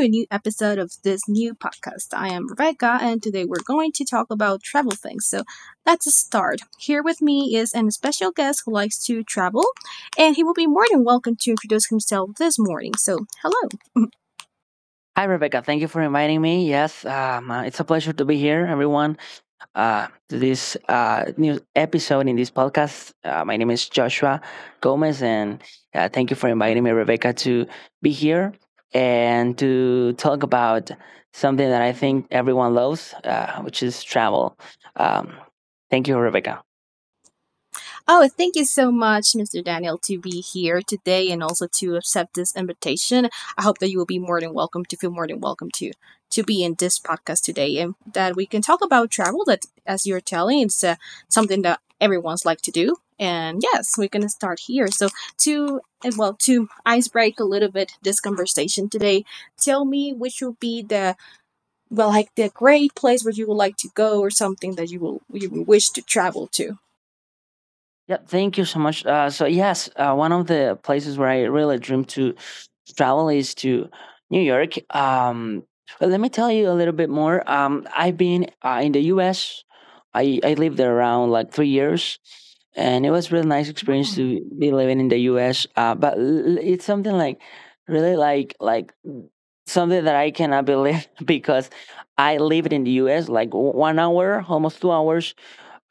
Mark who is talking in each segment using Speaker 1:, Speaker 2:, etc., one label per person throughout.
Speaker 1: a new episode of this new podcast. I am Rebecca and today we're going to talk about travel things. So, let's start. Here with me is an special guest who likes to travel and he will be more than welcome to introduce himself this morning. So, hello.
Speaker 2: Hi, Rebecca. Thank you for inviting me. Yes, it's a pleasure to be here, everyone. To this new episode in this podcast. My name is Joshua Gomez, and thank you for inviting me, Rebecca, to be here and to talk about something that I think everyone loves, which is travel. Um, thank you, Rebecca.
Speaker 1: Oh, thank you so much, Mr. Daniel, to be here today and also to accept this invitation. I hope that you will be more than welcome to feel more than welcome to be in this podcast today and that we can talk about travel that as you're telling it's something that everyone's like to do. And yes, we're going to start here. So to ice break a little bit this conversation today, tell me which would be the well like the great place where you would like to go or something that you would wish to travel to.
Speaker 2: Yep. Thank you so much. So yes, one of the places where I really dream to travel is to New York. But let me tell you a little bit more. I've been in the U.S. I lived there around like 3 years, and it was really nice experience to be living in the U.S. It's something like really like something that I cannot believe because I lived in the U.S. like 1 hour, almost 2 hours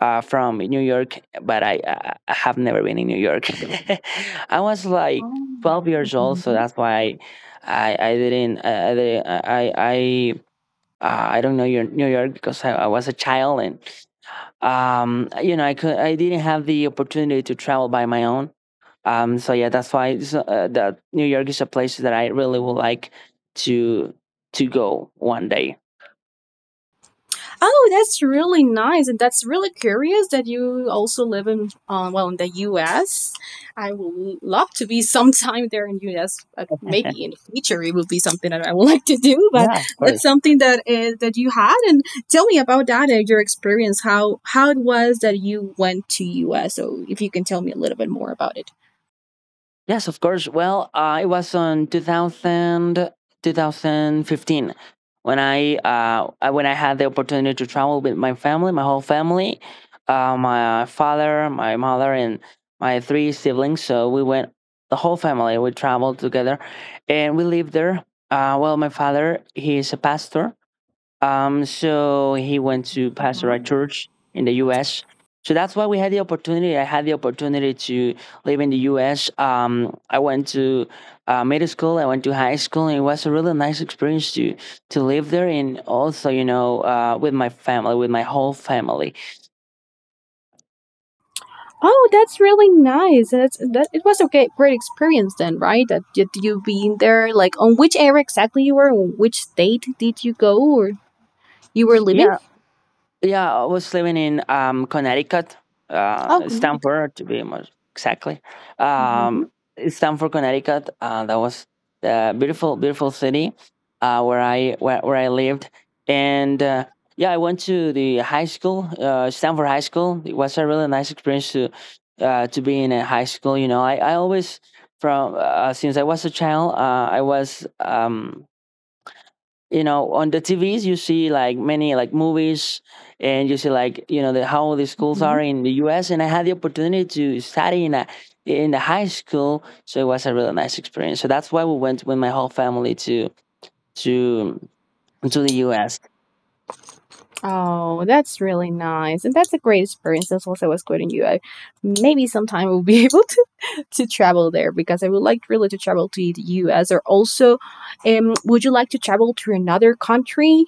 Speaker 2: from New York, but I have never been in New York. I was like
Speaker 1: Oh,
Speaker 2: 12 years old, so
Speaker 1: mhm.
Speaker 2: that's why I I didn't I I didn't- uh, I I, I don't know your New York because I was a child and I didn't have the opportunity to travel by my own. So yeah, that's why that New York is a place that I really would like to to go one day.
Speaker 1: Oh, that's really nice, and that's really curious that you also live in the U.S. I would love to be sometime there in U.S. But maybe in the future it would be something that I would like to do. But
Speaker 2: Yeah, of
Speaker 1: that's
Speaker 2: course.
Speaker 1: something that is that you had, and tell me about that and your experience. How it was that you went to U.S. So if you can tell me a little bit more about it.
Speaker 2: Yes, of course. Well, it was on 2015 when when I had the opportunity to travel with my family, my whole family, my father, my mother, and my three siblings. So we went the whole family. We traveled together, and we lived there. Well, my father he is a pastor, so he went to Pastoral Church in the U.S. So that's why we had the opportunity. I had the opportunity to live in the U.S. I went to middle school. I went to high school, and it was a really nice experience to live there, and also, with my family, with my whole family.
Speaker 1: Oh, that's really nice. That's that. It was a great, great experience then, right? That did you being there? Like, on which area exactly you were? Which state did you go, or you were living?
Speaker 2: Yeah, yeah, I was living in Connecticut,
Speaker 1: Oh, Connecticut.
Speaker 2: Stamford to be more exactly.
Speaker 1: Hmm.
Speaker 2: Um, Stamford, Connecticut. That was a beautiful, beautiful city where where I lived, and yeah, I went to the high school, Stanford High School. It was a really nice experience to be in a high school. You know, I always from since I was a child, I was. On the TVs you see like many like movies, and you see like how the schools are in the US. And I had the opportunity to study in a in the high school, so it was a really nice experience, so that's why we went with my whole family to to the US.
Speaker 1: Oh, that's really nice. And that's a great experience. That's also what's good in you. Maybe sometime we'll be able to travel there because I would like really to travel to the US or also would you like to travel to another country?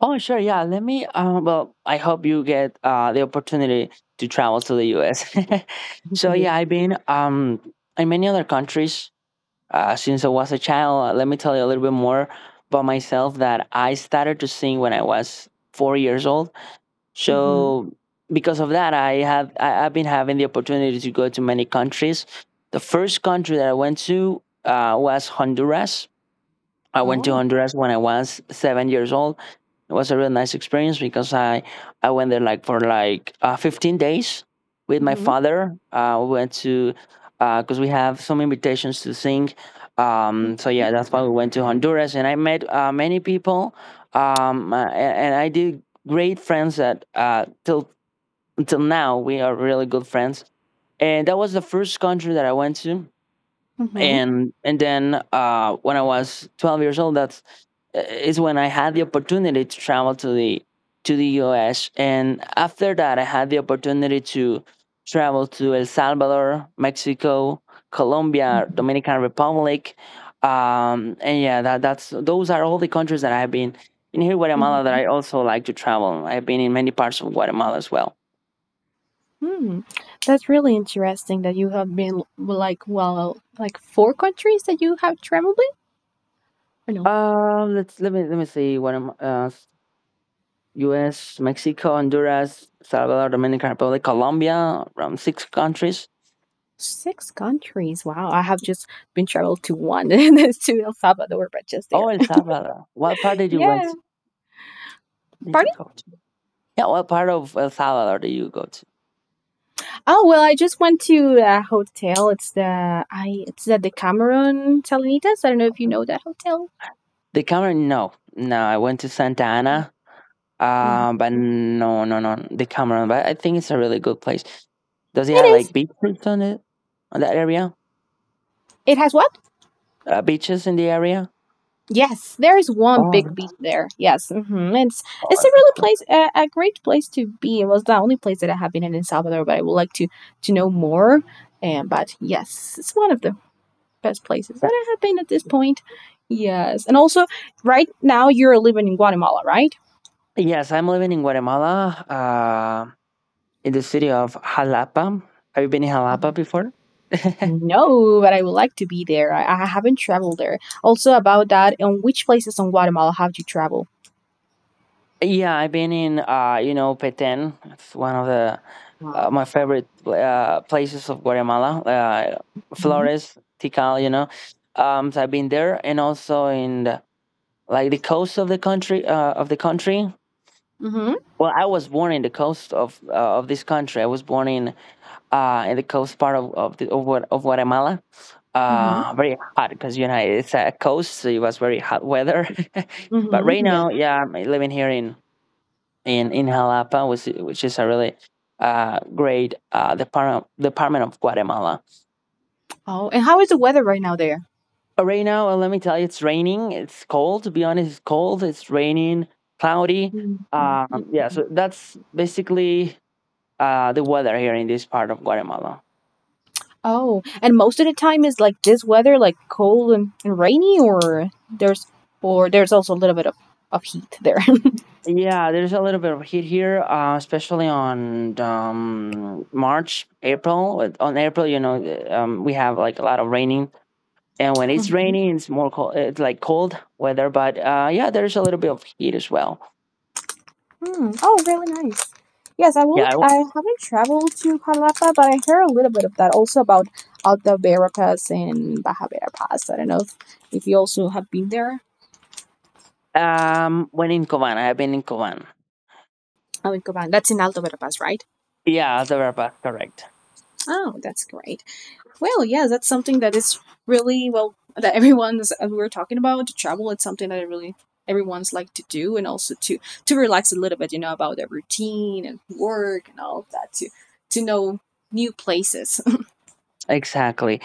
Speaker 2: Oh, sure, yeah. Let me uh, well I hope you get the opportunity to travel to the US. So
Speaker 1: Okay.
Speaker 2: yeah, I've been in many other countries. Since I was a child, let me tell you a little bit more about myself that I started to sing when I was 4 years old.
Speaker 1: Mm-hmm.
Speaker 2: So because of that, I've been having the opportunity to go to many countries. The first country that I went to was Honduras. I went to
Speaker 1: Oh.
Speaker 2: Honduras when I was 7 years old. It was a really nice experience because I went there for like 15 days with my
Speaker 1: Mm-hmm.
Speaker 2: father. We went to because we have some invitations to sing. So yeah,
Speaker 1: Mm-hmm.
Speaker 2: that's why we went to Honduras, and I met many people, and I did great friends that till until now we are really good friends. And that was the first country that I went to,
Speaker 1: Mhm.
Speaker 2: and then when I was 12 years old, that's is when I had the opportunity to travel to the U.S. And after that, I had the opportunity to travel to El Salvador, Mexico, Colombia, Dominican Republic, and yeah, that that's those are all the countries that I have been in here, in Guatemala. That
Speaker 1: Mm-hmm.
Speaker 2: I also like to travel. I've been in many parts of Guatemala as well.
Speaker 1: Hmm. That's really interesting that you have been like well like four countries that you have traveled in. I know.
Speaker 2: Let me see what I am US, Mexico, Honduras, Salvador, Dominican Republic, Colombia, around six countries.
Speaker 1: Six countries. Wow. I have just been traveled to one and it's to El Salvador, but just
Speaker 2: Oh,
Speaker 1: there.
Speaker 2: El Salvador. What part did you
Speaker 1: Yeah.
Speaker 2: went? Did you
Speaker 1: Pardon?
Speaker 2: go to? Yeah, what part of El Salvador did you go to?
Speaker 1: Oh well, I just went to a hotel. It's the Decameron Salinitas. I don't know if you know that hotel.
Speaker 2: The Cameron? No, no. I went to Santa Ana,
Speaker 1: Mhm.
Speaker 2: but no, no, no, the Cameron, but I think it's a really good place. Does it
Speaker 1: It
Speaker 2: have like
Speaker 1: is.
Speaker 2: beaches on it on that area?
Speaker 1: It has what?
Speaker 2: Beaches in the area?
Speaker 1: Yes, there is
Speaker 2: Oh,
Speaker 1: one big
Speaker 2: really?
Speaker 1: beach there. Yes, hmm it's
Speaker 2: Oh,
Speaker 1: it's a
Speaker 2: that's
Speaker 1: really
Speaker 2: good.
Speaker 1: place a great place to be. It was the only place that I have been in El Salvador, but I would like to know more. And but yes, it's one of the best places that
Speaker 2: Yeah.
Speaker 1: I have been at this point. Yes. And also, right now you're living in Guatemala, right?
Speaker 2: Yes, I'm living in Guatemala, in the city of Jalapa. Have you been in Jalapa before?
Speaker 1: No, but I would like to be there. I haven't traveled there. Also, about that, and which places in Guatemala have you traveled?
Speaker 2: Yeah, I've been in Petén. It's one of the
Speaker 1: Wow.
Speaker 2: my favorite places of Guatemala.
Speaker 1: Mm-hmm.
Speaker 2: Flores, Tikal. So I've been there, and also in like the coast of the country. Of the country.
Speaker 1: Mm-hmm.
Speaker 2: Well, I was born in the coast of this country. I was born in the coast part of Guatemala.
Speaker 1: Mm-hmm.
Speaker 2: Very hot because you know it's a coast, so it was very hot weather. But right
Speaker 1: Mm-hmm. Yes.
Speaker 2: now, yeah, I'm living here in Jalapa, which is a really great department of Guatemala.
Speaker 1: Oh, and how is the weather right now there?
Speaker 2: Right now, let me tell you, it's raining. It's cold. To be honest, it's cold. It's raining, cloudy. Um,
Speaker 1: Mhm.
Speaker 2: yeah, so that's basically the weather here in this part of Guatemala.
Speaker 1: Oh, and most of the time is like this weather, like cold and rainy, or there's also a little bit of heat there.
Speaker 2: Yeah, there's a little bit of heat here, especially on March, April. On April, you know, we have like a lot of raining, and when it's raining, it's more cold. It's like cold weather, but yeah, there's a little bit of heat as well.
Speaker 1: Hmm. Oh, really nice. Yes, I will.
Speaker 2: Yeah,
Speaker 1: I haven't traveled to Palapa, but I heard a little bit of that also about Alta Vera Pass and Baja Vera Pass. I don't know if you also have been there.
Speaker 2: when in Covan, I have been in Covan.
Speaker 1: Oh, that's in Alta Vera Pass, right?
Speaker 2: Yeah, the Verba, correct,
Speaker 1: Oh, that's great. Well, yeah, that's something that is really well that everyone's as we were talking about to travel. It's something that I really everyone's like to do and also to relax a little bit, about their routine and work and all of that to know new places.
Speaker 2: exactly.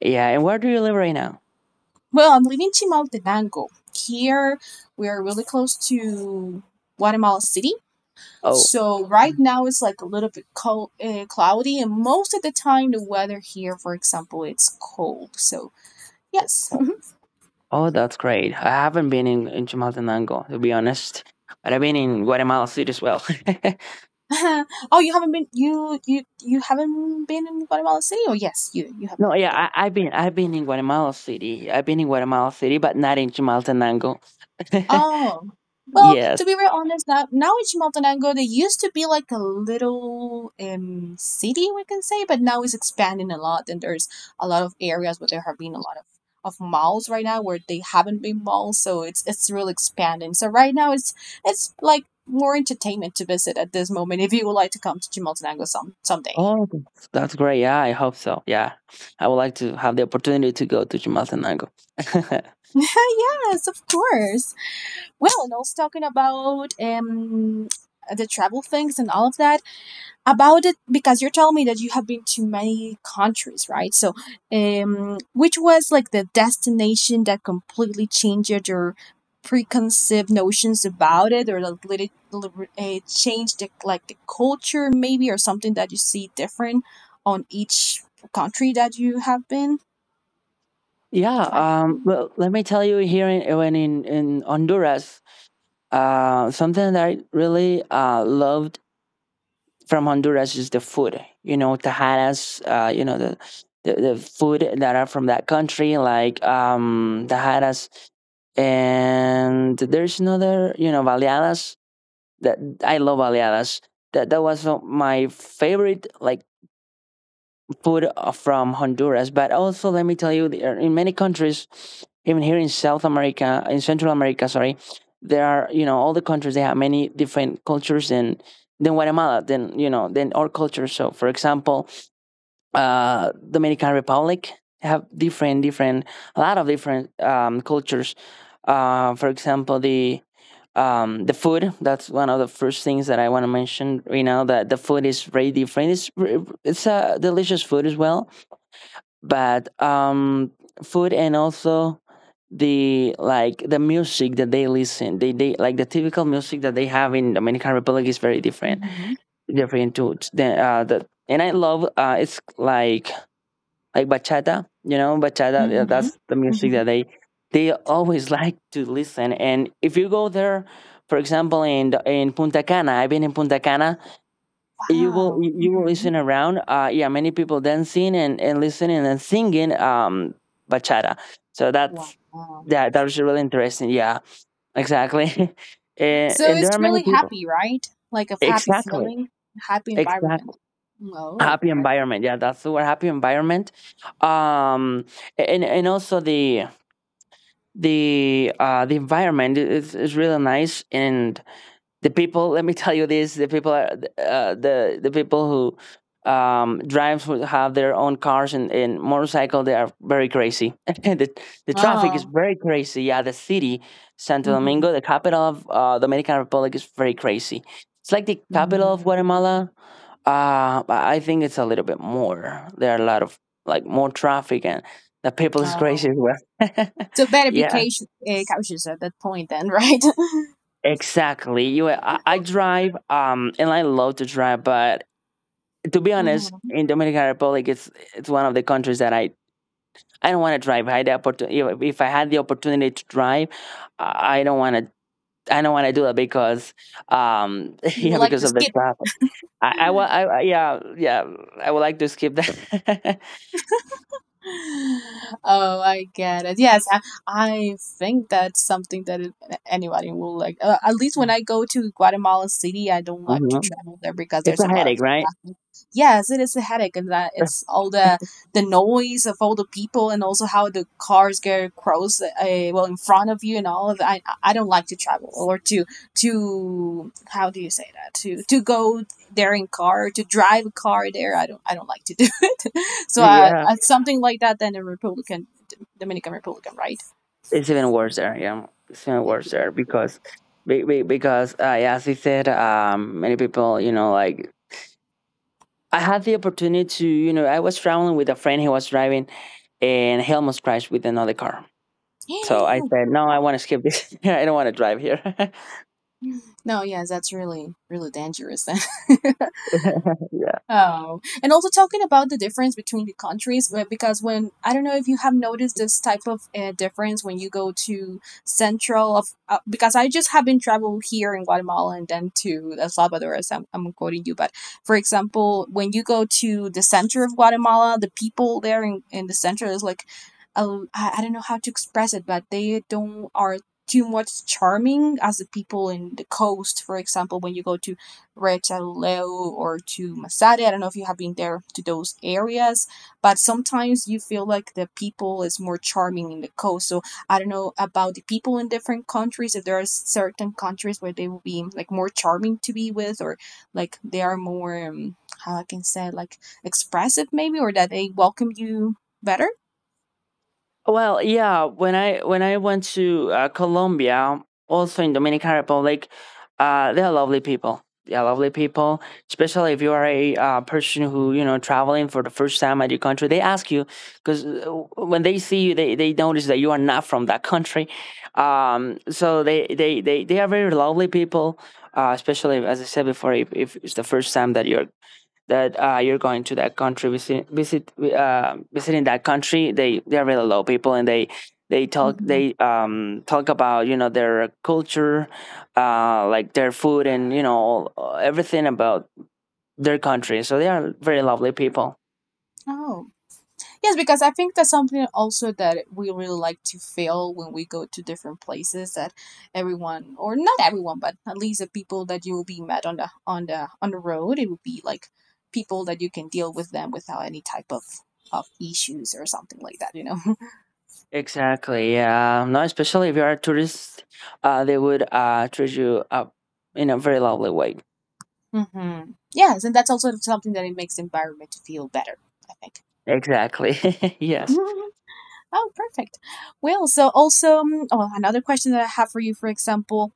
Speaker 2: Yeah, and where do you live right now?
Speaker 1: Well, I'm leaving Chimaltenango. Here, we are really close to Guatemala City.
Speaker 2: Oh,
Speaker 1: So, right
Speaker 2: um,
Speaker 1: now, it's like a little bit cold, cloudy, and most of the time, the weather here, for example, it's cold. So,
Speaker 2: oh,
Speaker 1: yes.
Speaker 2: oh, oh, that's great. I haven't been in Chimaltenango, to be honest, but I've been in Guatemala City as well.
Speaker 1: Oh, you haven't been in Guatemala City? Oh, yes, you have been
Speaker 2: No, yeah,
Speaker 1: there.
Speaker 2: I've been in Guatemala City. I've been in Guatemala City, but not in Chimaltenango.
Speaker 1: Oh, well,
Speaker 2: Yes.
Speaker 1: to be very honest, now it's Montenegro. They used to be like a little city, we can say, but now it's expanding a lot, and there's a lot of areas where there have been a lot of malls right now where they haven't been malls, so it's really expanding. So right now it's like more entertainment to visit at this moment if you would like to come to Montenegro someday.
Speaker 2: Oh, that's great. Yeah, I hope so. Yeah, I would like to have the opportunity to go to Chimaltenango.
Speaker 1: Yes, of course. Well, and also talking about the travel things and all of that about it because you told me that you have been to many countries, right? So which was like the destination that completely changed your preconceived notions about it, or like let it change the culture maybe, or something that you see different on each country that you have been.
Speaker 2: Yeah.
Speaker 1: Try-
Speaker 2: Well, let me tell you here in when in Honduras, something that I really loved from Honduras is the food. You know, tajadas. You know the food that are from that country, like tajadas, and there's another. You know, baleadas. That I love baleadas. That was my favorite like food from Honduras, but also let me tell you, in many countries, even here in South America, in Central America, sorry, there are you know all the countries they have many different cultures than Guatemala, than than our culture. So, for example, Dominican Republic have different different a lot of different cultures. For example, the food, that's one of the first things that I want to mention right now, that the food is very different. It's a delicious food as well, but food, and also the like the music that they listen, they like the typical music that they have in Dominican Republic is very different
Speaker 1: Mm-hmm.
Speaker 2: different to the. And I love, it's like bachata, you know, bachata. Yeah,
Speaker 1: Mm-hmm.
Speaker 2: that's the music
Speaker 1: Mm-hmm.
Speaker 2: that they always like to listen. And if you go there, for example, in Punta Cana, I've been in Punta Cana, you will
Speaker 1: Wow.
Speaker 2: you you will
Speaker 1: Mm-hmm.
Speaker 2: listen around, yeah, many people dancing and listening and singing, bachata. So that's
Speaker 1: Wow.
Speaker 2: that that was really interesting. Yeah, exactly. and,
Speaker 1: So
Speaker 2: and there are
Speaker 1: it's
Speaker 2: many
Speaker 1: really
Speaker 2: people,
Speaker 1: happy, right? Like a happy
Speaker 2: exactly,
Speaker 1: feeling, happy
Speaker 2: exactly,
Speaker 1: environment. Oh,
Speaker 2: happy
Speaker 1: great.
Speaker 2: environment. Yeah, that's the word, happy environment. Um and and also the environment is really nice. And the people, let me tell you this, the people are, uh, the people who drives, who have their own cars and motorcycle, they are very crazy. The traffic is
Speaker 1: Oh.
Speaker 2: very crazy. Yeah, the city Santo
Speaker 1: Hmm.
Speaker 2: Domingo, the capital of Dominican Republic, is very crazy. It's like the capital of
Speaker 1: Hmm.
Speaker 2: Guatemala, but I think it's a little bit more. There are a lot of like more traffic, and the people is crazy as
Speaker 1: Oh.
Speaker 2: well.
Speaker 1: So better be
Speaker 2: Yeah.
Speaker 1: cautious at that point then, right?
Speaker 2: Exactly. I drive, and I love to drive. But to be honest,
Speaker 1: Hmm.
Speaker 2: in Dominican Republic, it's one of the countries that I don't want to drive. I had the opportunity. If I had the opportunity to drive, I don't want to. I don't want to do that because,
Speaker 1: You
Speaker 2: yeah,
Speaker 1: would like
Speaker 2: because
Speaker 1: to
Speaker 2: of the
Speaker 1: skip.
Speaker 2: traffic. I, wa- I- Yeah, yeah. I would like to skip that.
Speaker 1: Oh, I get it. Yes, I think that's something that anybody will like. At least when I go to Guatemala City, I don't like to
Speaker 2: Mhm.
Speaker 1: travel there because
Speaker 2: It's
Speaker 1: there's
Speaker 2: a
Speaker 1: a lot of
Speaker 2: headache, right?
Speaker 1: traffic. Yes, it is a headache, and that it's all the the noise of all the people, and also how the cars get across, in front of you, and all of that. I don't like to travel or to how do you say that to go there in car to drive a car there. I don't like to do. So
Speaker 2: Yeah.
Speaker 1: something like that than the Republican Dominican Republican, right?
Speaker 2: It's even worse there. Yeah, it's even
Speaker 1: It,
Speaker 2: worse there because because yeah, as I said, many people, like I had the opportunity to, I was traveling with a friend. He was driving, and he almost crashed with another car. So I said, no, I
Speaker 1: wow.
Speaker 2: want to skip this. I don't want to drive here.
Speaker 1: No, yes, that's really really dangerous. Oh, and also talking about the difference between the countries, because when I don't know if you have noticed this type of difference when you go to central of because I just have been traveled here in Guatemala and then to El Salvador as I'm quoting you, but for example, when you go to the center of Guatemala, the people there in the center is like, I don't know how to express it, but they don't are too much charming as the people in the coast, for example, when you go to Retaleo or to Masada. I don't know if you have been there to those areas, but sometimes you feel like the people is more charming in the coast. So I don't know about the people in different countries, if there are certain countries where they will be like more charming to be with, or like they are more how I can say, like expressive maybe, or that they welcome you better.
Speaker 2: Well, yeah, when I went to Colombia, also in Dominican Republic, they're lovely people. They're lovely people, especially if you are a person who traveling for the first time at your country. They ask you because when they see you, they notice that you are not from that country. So they are very lovely people, especially as I said before, if it's the first time that you're going to that country, visiting that country. They're really low people, and they talk
Speaker 1: Hmm.
Speaker 2: they talk about their culture, like their food, and everything about their country. So they are very lovely people.
Speaker 1: Oh, yes, because I think that's something also that we really like to feel when we go to different places, that everyone, or not everyone, but at least the people that you will be met on the road, it would be like people that you can deal with them without any type of issues or something like that.
Speaker 2: Exactly. Yeah. No, especially if you are a tourist, they would treat you up in a very lovely way.
Speaker 1: Hmm. Yes, and that's also something that it makes the environment to feel better, I think.
Speaker 2: Exactly. yes,
Speaker 1: Mhm. Oh, perfect. Well, so also, oh, another question that I have for you, for example,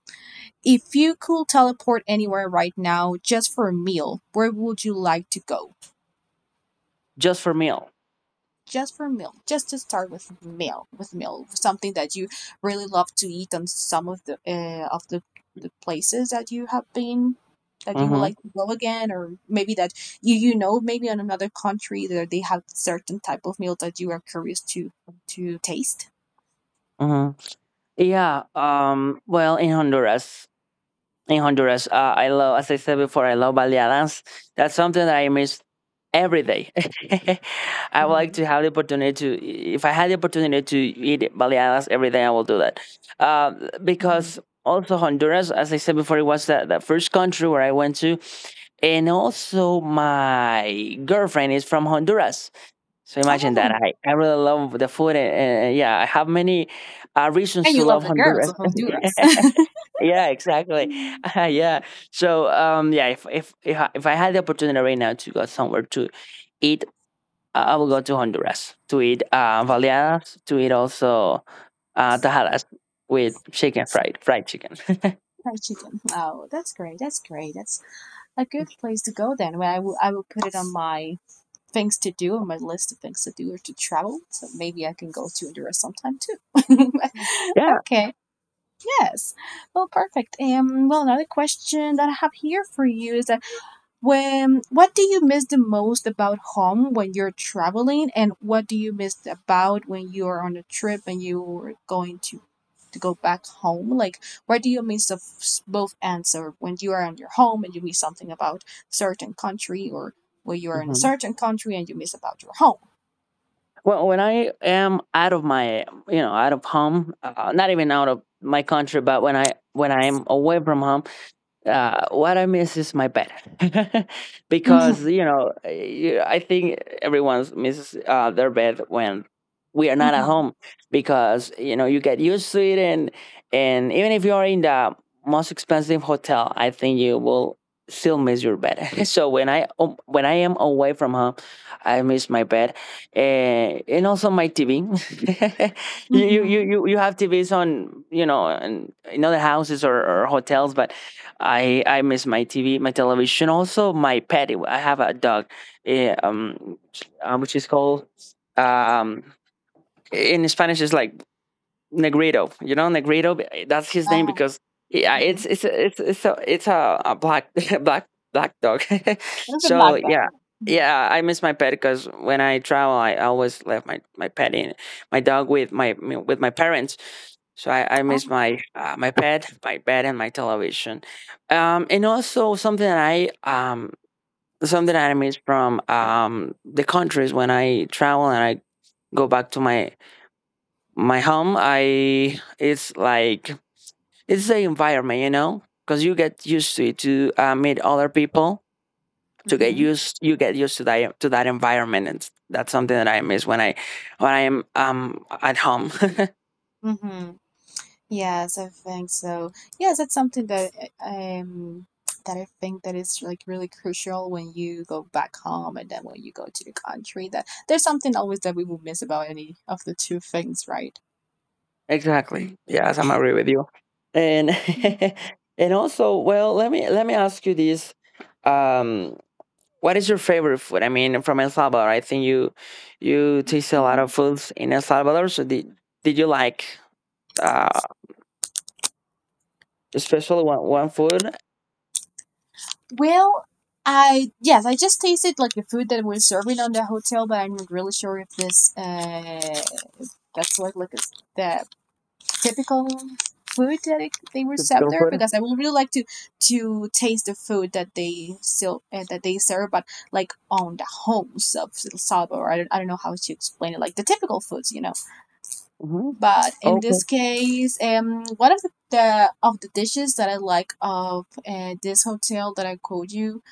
Speaker 1: if you could teleport anywhere right now just for a meal, where would you like to go?
Speaker 2: just for meal.
Speaker 1: Just for a meal, just to start with meal, something that you really love to eat on some of the places that you have been that you would
Speaker 2: Mm-hmm,
Speaker 1: like to go again, or maybe that maybe on another country that they have certain type of meal that you are curious to taste.
Speaker 2: mm-hmm. Yeah, well, in Honduras, in Honduras. I love, as I said before, I love ballet dance. That's something that I miss every day. I would like
Speaker 1: Mhm.
Speaker 2: to have the opportunity to, if I had the opportunity to eat ballet dance every day, I will do that. Uh, because
Speaker 1: Mhm.
Speaker 2: also Honduras, as I said before, it was the first country where I went to, and also my girlfriend is from Honduras. So imagine that.
Speaker 1: Oh,
Speaker 2: I really love the food, and, yeah, I have many reasons
Speaker 1: and
Speaker 2: to
Speaker 1: you love
Speaker 2: love
Speaker 1: the girls
Speaker 2: Honduras.
Speaker 1: of Honduras.
Speaker 2: Yeah, exactly.
Speaker 1: Mm,
Speaker 2: yeah. So, yeah, if I had the opportunity right now to go somewhere to eat, I will go to Honduras to eat baleadas, to eat also tajadas with chicken, fried chicken.
Speaker 1: Fried chicken. Oh, that's great. That's great. That's a good place to go then. Well, I will put it on my list of things to do or to travel. So maybe I can go to Honduras sometime too.
Speaker 2: yeah.
Speaker 1: Okay. Yes. Well, perfect. Well, another question that I have here for you is that when what do you miss the most about home when you're traveling, and what do you miss about when you're on a trip and you're going to go back home? Like, what do you miss of both ends? Or when you are on your home and you miss something about certain country, or when you are in a
Speaker 2: Mhm.
Speaker 1: certain country and you miss about your home.
Speaker 2: Well, when I am out of my, out of home, not even out of my country, but when I am away from home, what I miss is my bed, because
Speaker 1: Mm-hmm.
Speaker 2: I think everyone misses their bed when we are not at
Speaker 1: Mm-hmm.
Speaker 2: home, because you get used to it, and even if you are in the most expensive hotel, I think you will still miss your bed. so when I am away from home, I miss my bed, and also my TV. you, you you
Speaker 1: Mm-hmm.
Speaker 2: you you have TVs on, in other houses, or hotels, but I miss my TV, my television, also my pet. I have a dog, eh, um, which is called, um in Spanish is like Negrito. You know, Negrito. That's his name
Speaker 1: Ah,
Speaker 2: because yeah,
Speaker 1: mm-hmm.
Speaker 2: it's a black, black black dog.
Speaker 1: Something
Speaker 2: so
Speaker 1: like that.
Speaker 2: yeah,
Speaker 1: Yeah. Mm-hmm.
Speaker 2: yeah. I miss my pet because when I travel, I always left my pet in my dog with my parents. So I
Speaker 1: Oh.
Speaker 2: miss my my bed, and my television, and also something that I miss from, the countries when I travel and I go back to my home. I It's like it's the environment, because you get used to it, to meet other people, to get
Speaker 1: Mm-hmm.
Speaker 2: used you get used to that, to that environment. And that's something that I miss when I am at home.
Speaker 1: Mm-hmm. Yes, I think so. Yes, it's something that I- um I think that is like really crucial when you go back home and then when you go to the country that there's something always that we will miss about any of the two things, right?
Speaker 2: exactly. Yes, I'm agree with you. And and also, well, let me ask you this, um what is your favorite food? I mean, from El Salvador. I think you taste a lot of
Speaker 1: Mhm.
Speaker 2: foods in El Salvador. So did you like, uh, especially one foot,
Speaker 1: Well, I yes, I just tasted like the food that we're serving on the hotel, but I'm not really sure if this that's like the typical food that they will serve
Speaker 2: go
Speaker 1: there
Speaker 2: foot?
Speaker 1: because I would really like to taste the food that they still that they serve, but like on the homes of El Salvador. I don't know how to explain it, like the typical foods.
Speaker 2: Hmm.
Speaker 1: But in
Speaker 2: Okay.
Speaker 1: this case, one of the dishes that I like of this hotel that I called you.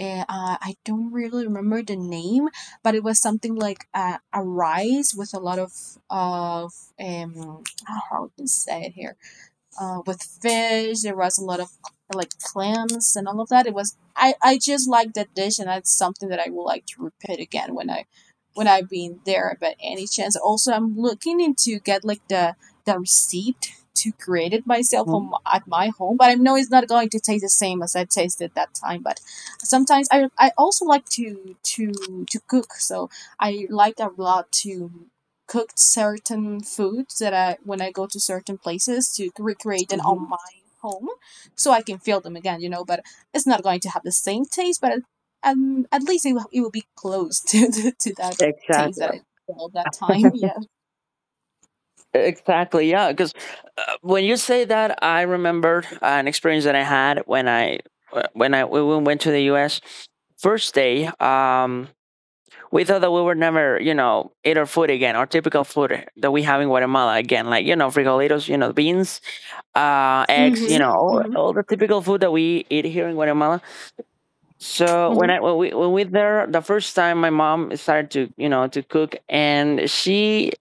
Speaker 1: I don't really remember the name, but it was something like a rice with a lot of how do I can say it here? With fish. There was a lot of like clams and all of that. It was I just like that dish, and that's something that I would like to repeat again when I've been there. But any chance, also I'm looking into get like the receipt to create it myself home,
Speaker 2: Hmm.
Speaker 1: at my home. But I know it's not going to taste the same as I tasted that time. But sometimes I also like to cook, so I like a lot to cooked certain foods that I when I go to certain places to recreate them
Speaker 2: Hmm.
Speaker 1: on my home, so I can feel them again. But it's not going to have the same taste, but at least it will be close to to that taste that
Speaker 2: Exactly.
Speaker 1: I felt that time. Yeah.
Speaker 2: Exactly. Yeah. Because, when you say that, I remembered an experience that I had when I when I when we went to the U.S. First day, we thought that we would never, eat our food again, our typical food that we have in Guatemala again, like, frijolitos, beans, eggs,
Speaker 1: Mm-hmm.
Speaker 2: all,
Speaker 1: Mm-hmm.
Speaker 2: all the typical food that we eat here in Guatemala. So when we there the first time, my mom started to you know to cook, and she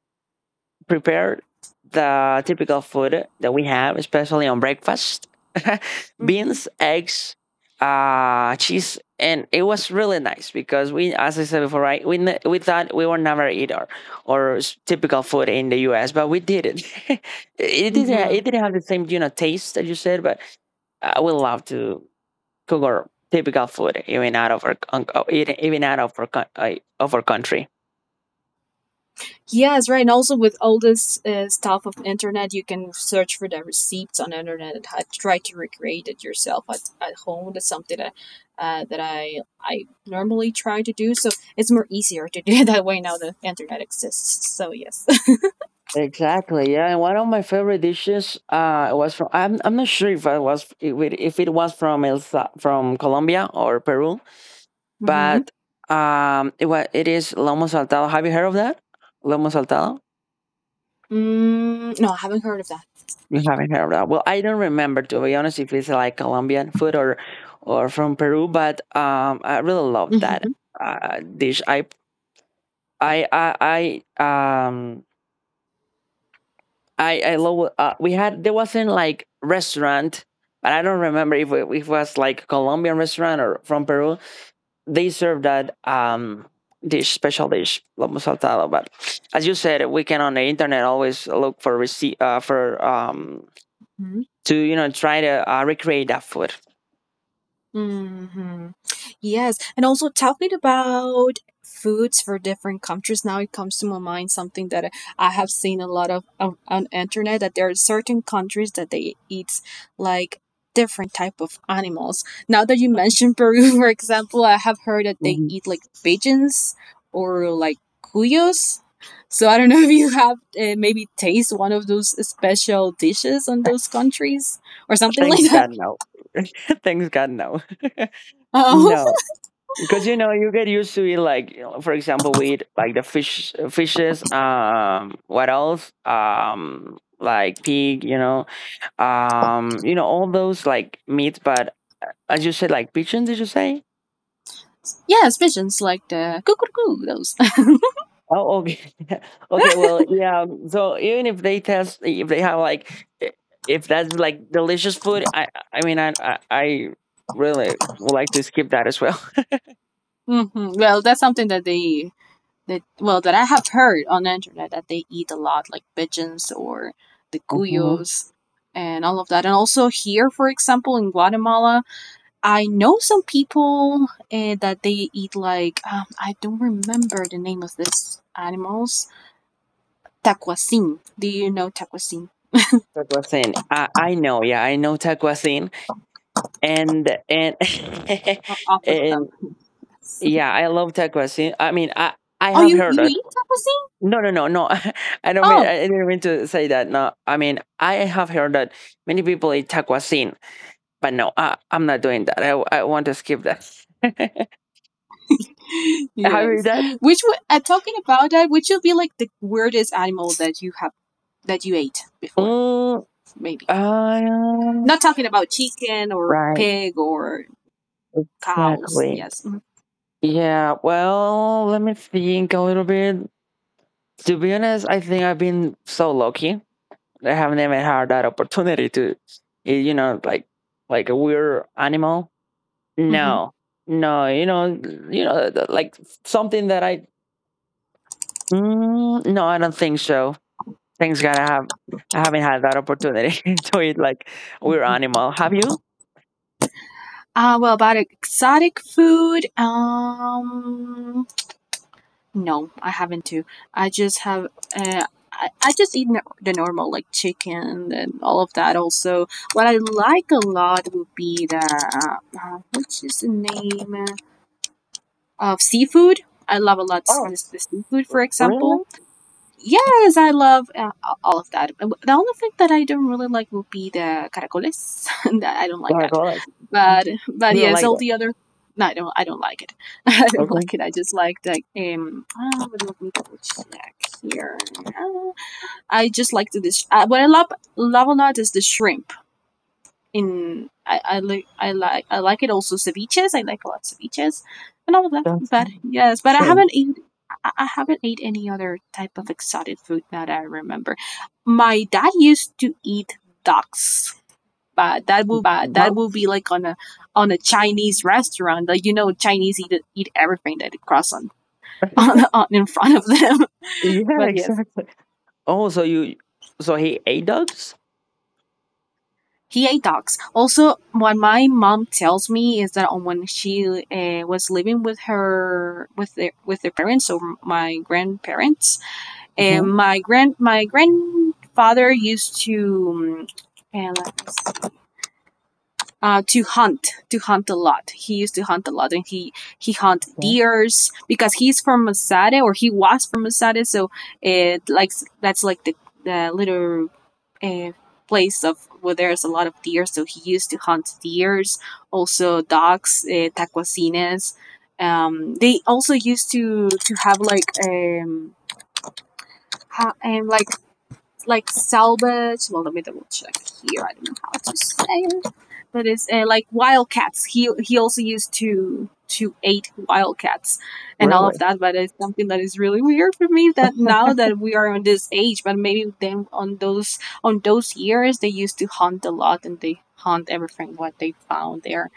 Speaker 2: prepared the typical food that we have, especially on breakfast,
Speaker 1: Mm-hmm.
Speaker 2: beans, eggs, cheese. And it was really nice because we, as I said before, right, we thought we would never eat our typical food in the U.S., but we did it. it didn't,
Speaker 1: Mm-hmm.
Speaker 2: have the same, taste that you said, but I would love to typical, food even out of our even, out of our of our country.
Speaker 1: Yes, right. And also with all this stuff of internet, you can search for the receipts on internet and try to recreate it yourself at home. That's something that I normally try to do. So it's more easier to do it that way now the internet exists. So yes.
Speaker 2: Exactly. Yeah, and one of my favorite dishes was from, I'm not sure if I was if it was from from Colombia or Peru,
Speaker 1: hmm.
Speaker 2: but, it was, it is lomo saltado. Have you heard of that? Lomo saltado?
Speaker 1: Mm, no, I haven't heard of that.
Speaker 2: You haven't heard of that. Well, I don't remember to be honest if it's like Colombian food or from Peru, but I really love that,
Speaker 1: Hmm.
Speaker 2: dish. I I I um I love, we had there wasn't like restaurant, but I don't remember if it was like Colombian restaurant or from Peru. They served that, dish, special dish, lomo saltado. But as you said, we can on the internet always look for receipt, for, to, try to, recreate that food.
Speaker 1: Hmm. Yes. And also talking about foods for different countries, now it comes to my mind something that I have seen a lot of on internet that there are certain countries that they eat like different type of animals. Now that you mentioned Peru, for example, I have heard that they
Speaker 2: Mhm.
Speaker 1: eat like pigeons or like cuyos. So I don't know if you have maybe taste one of those special dishes on those countries or something like
Speaker 2: Thanks
Speaker 1: that.
Speaker 2: God, no. Thanks God, no. no. Because you get used to it. Like, for example, we eat like the fishes, what else, like pig, all those like meats. But as you said, like pigeon, did you say?
Speaker 1: Yes, pigeons like the cuckoo, those.
Speaker 2: Oh, okay. okay. Well, yeah, so even if they test, if they have like, i- if that's like delicious food, I mean, I really would like to skip that as well.
Speaker 1: hmm. Well, that's something that I have heard on the internet that they eat a lot, like pigeons or the
Speaker 2: Mhm.
Speaker 1: cuyos and all of that. And also here, for example, in Guatemala, I know some people that they eat like I don't remember the name of this animals. Taquacin. Do you know taquacin?
Speaker 2: Taquacin. I know, yeah, I know taquacin. And
Speaker 1: Or
Speaker 2: and
Speaker 1: opossum? Yes.
Speaker 2: yeah, I love tacos. I mean, I
Speaker 1: Oh,
Speaker 2: have
Speaker 1: you
Speaker 2: heard
Speaker 1: you
Speaker 2: that.
Speaker 1: eat taquacin?
Speaker 2: No, no, no, no.
Speaker 1: Oh,
Speaker 2: I didn't mean to say that. No, I mean, I have heard that many people eat taquasin, but no, I'm not doing that. I want to skip that. have you
Speaker 1: yes.
Speaker 2: that?
Speaker 1: Which would Talking about that, which would be like the weirdest animal that you ate before,
Speaker 2: Mm.
Speaker 1: maybe.
Speaker 2: um,
Speaker 1: Not talking about chicken or
Speaker 2: right.
Speaker 1: pig or cows.
Speaker 2: Exactly.
Speaker 1: Yes.
Speaker 2: Yeah. Well, let me think a little bit. To be honest, I think I've been so lucky. I haven't even had that opportunity to, like, a weird animal.
Speaker 1: Mm-hmm.
Speaker 2: No, no. Like something that I. Mm, no, I don't think so. Thanks God, I have. I haven't had that opportunity to eat like a weird
Speaker 1: Hmm.
Speaker 2: animal. Have you?
Speaker 1: Well, about exotic food, no, I haven't too. I just have, uh, I just eat the normal like chicken and all of that. Also, what I like a lot would be the which is the name? Of seafood. I love a lot s-
Speaker 2: Oh,
Speaker 1: this the seafood, for example.
Speaker 2: really?
Speaker 1: Yes, I love all of that. And the only thing that I don't really like would be the caracoles. I don't
Speaker 2: Oh
Speaker 1: like
Speaker 2: my
Speaker 1: that.
Speaker 2: God. Mm.
Speaker 1: But
Speaker 2: You don't
Speaker 1: yes,
Speaker 2: like
Speaker 1: all
Speaker 2: that?
Speaker 1: the other. No, I don't. I don't like it. I don't
Speaker 2: Okay,
Speaker 1: like it. I just like the Let me double check here. Uh, I just like the this. What I love a lot is the shrimp. In I like it also ceviches. I like a lot of ceviches and all of that.
Speaker 2: that's
Speaker 1: But yes, but I haven't
Speaker 2: strange.
Speaker 1: eaten I I haven't ate any other type of exotic food now that I remember. My dad used to eat ducks, but that will
Speaker 2: Dogs?
Speaker 1: be like on a Chinese restaurant. Like, Chinese eat everything that they cross on on in front of them.
Speaker 2: Yeah,
Speaker 1: but yes,
Speaker 2: exactly. Oh, so he ate dogs?
Speaker 1: he ate dogs. Also, what my mom tells me is that on when she was living with their parents, so my grandparents, and
Speaker 2: Hmm.
Speaker 1: my grandfather used to. Um, uh, to hunt a lot. He used to hunt a lot, and he hunt
Speaker 2: Okay.
Speaker 1: deers because he's from Masada, or he was from Masada. So it like, that's like the little a place of where there's a lot of deer. So he used to hunt deers, also dogs, taquacines. They also used to have ha- um like like salvage. Well, let me double check here. I don't know how to say it, but it's like wildcats. He also used to eight wildcats and all of
Speaker 2: Really?
Speaker 1: that. But it's something that is really weird for me that now that we are on this age, but maybe then on those years they used to hunt a lot and they hunt everything what they found there,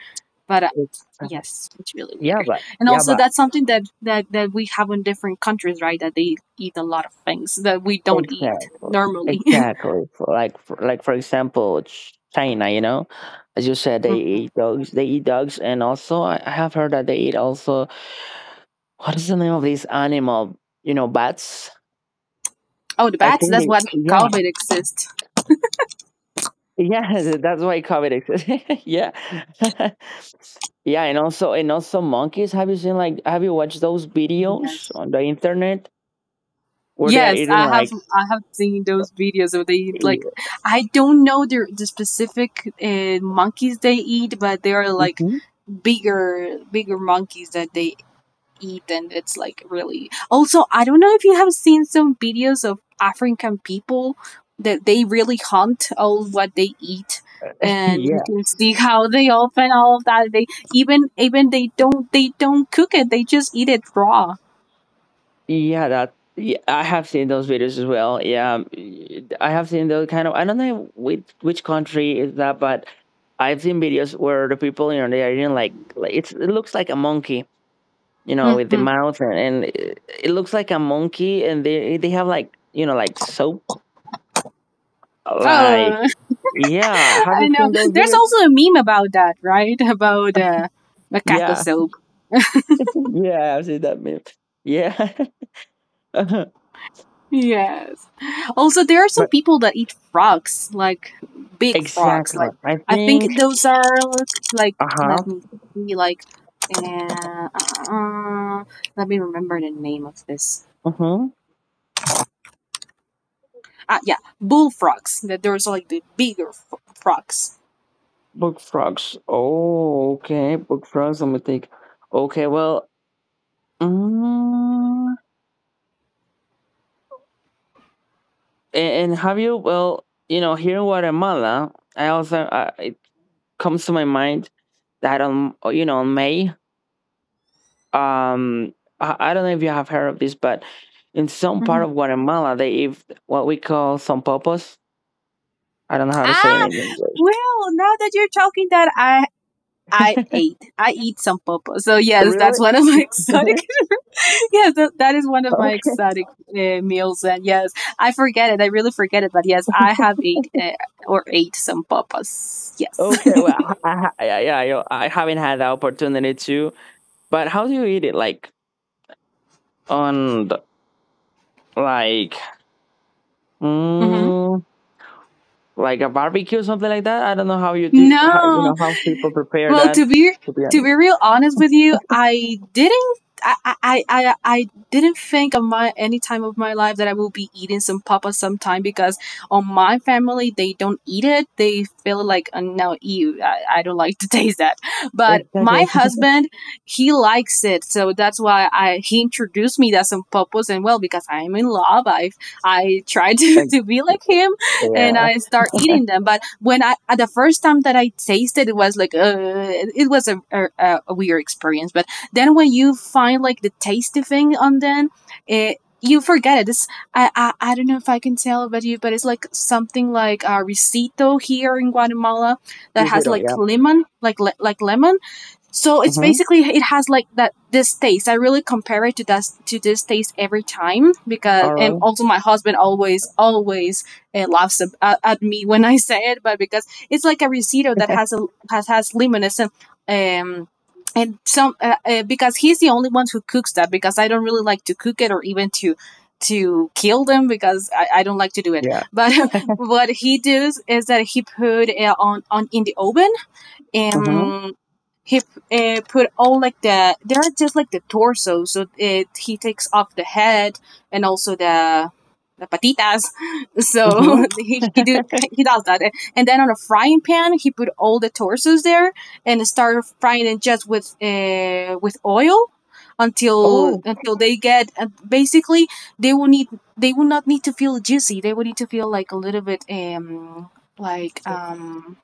Speaker 1: but
Speaker 2: It's sad.
Speaker 1: yes, it's really
Speaker 2: Yeah,
Speaker 1: weird.
Speaker 2: but
Speaker 1: And
Speaker 2: yeah,
Speaker 1: also
Speaker 2: but
Speaker 1: that's something that we have in different countries, right? that they eat a lot of things that we don't eat
Speaker 2: exactly,
Speaker 1: normally
Speaker 2: exactly. For like, for, like, for example, China. You know, as you said, they
Speaker 1: hmm.
Speaker 2: eat dogs. They eat dogs, and also I have heard that they eat also. What is the name of this animal? You know, bats.
Speaker 1: Oh, the
Speaker 2: I
Speaker 1: bats,
Speaker 2: think
Speaker 1: that's
Speaker 2: they.
Speaker 1: what
Speaker 2: Yeah,
Speaker 1: COVID exists.
Speaker 2: yeah. That's why COVID exists. yeah. Yeah, and also, monkeys. Have you seen like, have you watched those videos
Speaker 1: Yes,
Speaker 2: on the internet where they are
Speaker 1: yes
Speaker 2: eating
Speaker 1: i have
Speaker 2: like,
Speaker 1: i have seen those videos where they eat, like,
Speaker 2: y-
Speaker 1: I don't know, the specific monkeys they eat, but they are like
Speaker 2: Mhm.
Speaker 1: bigger bigger monkeys that they eat. And it's like really, also, I don't know if you have seen some videos of African people that they really hunt all what they eat, and you can see how they open all of that, they even they don't cook it, they just eat it raw.
Speaker 2: Yeah, that yeah, I have seen those videos as well. Yeah, I have seen those kind of. I don't know which country is that, but I've seen videos where the people, you know, they are eating like it looks like a monkey, you know, with the
Speaker 1: Hmm.
Speaker 2: mouth and it looks like a monkey, and they have like you know like soap, like
Speaker 1: Oh,
Speaker 2: yeah. Have
Speaker 1: I
Speaker 2: you
Speaker 1: know
Speaker 2: seen those
Speaker 1: there's
Speaker 2: videos?
Speaker 1: also a meme about that, right? about macaco
Speaker 2: Yeah,
Speaker 1: soap.
Speaker 2: yeah, I've seen that meme. Yeah, but
Speaker 1: Yes. Also, there are some people that eat frogs, like big frogs.
Speaker 2: exactly.
Speaker 1: Like,
Speaker 2: I
Speaker 1: I think
Speaker 2: think.
Speaker 1: those are like,
Speaker 2: Uh
Speaker 1: let me see, like, uh, uh, let me remember the name of this.
Speaker 2: huh.
Speaker 1: Ah, yeah, bullfrogs. That there's like the bigger frogs.
Speaker 2: Book frogs. Oh, okay. Book frogs. Let me think. Okay, well, mm, and have you? Well, you know, here in Guatemala, I also it comes to my mind that on you know on May, um, I don't know if you have heard of this, but in some
Speaker 1: Hmm.
Speaker 2: part of Guatemala, they eat what we call sompopos. I don't know how to say it
Speaker 1: Ah,
Speaker 2: in
Speaker 1: well, now that you're talking that, I I
Speaker 2: English.
Speaker 1: ate I eat some popo. So yes, that's
Speaker 2: Really?
Speaker 1: one of my exotic. yes, that is one of my
Speaker 2: Okay.
Speaker 1: exotic meals. And yes, I forget it. I really forget it. But yes, I have ate or ate some papas. Yes.
Speaker 2: Okay. Well, I, I haven't had the opportunity to. But how do you eat it? Like on the, like
Speaker 1: hmm.
Speaker 2: mm, like a barbecue, something like that. I don't know how you do. How, you
Speaker 1: No,
Speaker 2: know how people prepare
Speaker 1: well, to
Speaker 2: that.
Speaker 1: be
Speaker 2: To be honest.
Speaker 1: real honest with you, I didn't. I, I didn't think of my any time of my life that I will be eating some papa sometime because on my family they don't eat it. They feel like no, ew, I don't like to taste that. But
Speaker 2: Exactly.
Speaker 1: my husband, he likes it, so that's why I he introduced me that some papas. And well, because I'm in love, I try to,
Speaker 2: Like,
Speaker 1: to be like him, and
Speaker 2: yeah.
Speaker 1: I start eating them. But when I at the first time that I tasted it was like it was a weird experience. But then when you find like the tasty thing on them, it you forget it. It's, I don't know if I can tell about you, but it's like something like a risito here in Guatemala that has
Speaker 2: Risotto,
Speaker 1: like
Speaker 2: yeah.
Speaker 1: lemon, so it's
Speaker 2: Mm-hmm.
Speaker 1: basically it has like that this taste. I really compare it to this taste every time because and
Speaker 2: Oral.
Speaker 1: also my husband always laughs at me when I say it, but because it's like a risotto that has a has has lemonade and um and some because he's the only one who cooks that because I don't really like to cook it or even to kill them because I don't like to do it
Speaker 2: Yeah.
Speaker 1: but what he does is that he put it on in the oven.
Speaker 2: Mm-hmm.
Speaker 1: um he put all like they're just like the torso, so it he takes off the head and also the patitas, so
Speaker 2: Mm-hmm.
Speaker 1: he, he do he does that. And then on a frying pan, he put all the torsos there and start frying it just with oil until
Speaker 2: Oh,
Speaker 1: they get basically they will need they will not need to feel juicy. They will need to feel like a little bit like um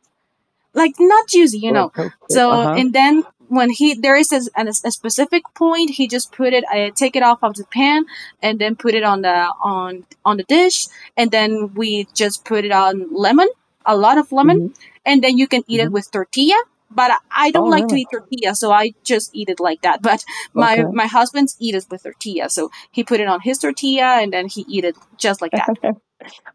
Speaker 1: like not juicy, you
Speaker 2: like
Speaker 1: know.
Speaker 2: toasted.
Speaker 1: So
Speaker 2: Uh-huh.
Speaker 1: and then when he there is a specific point, he just take it off of the pan, and then put it on the dish, and then we just put it on lemon, a lot of lemon,
Speaker 2: Mm-hmm.
Speaker 1: and then you can eat it
Speaker 2: Mm-hmm.
Speaker 1: with tortilla. But I don't
Speaker 2: Oh,
Speaker 1: like to
Speaker 2: really?
Speaker 1: eat tortilla, so I just eat it like that. But my
Speaker 2: Okay.
Speaker 1: my husband's eat it with tortilla, so he put it on his tortilla, and then he eat it just like that.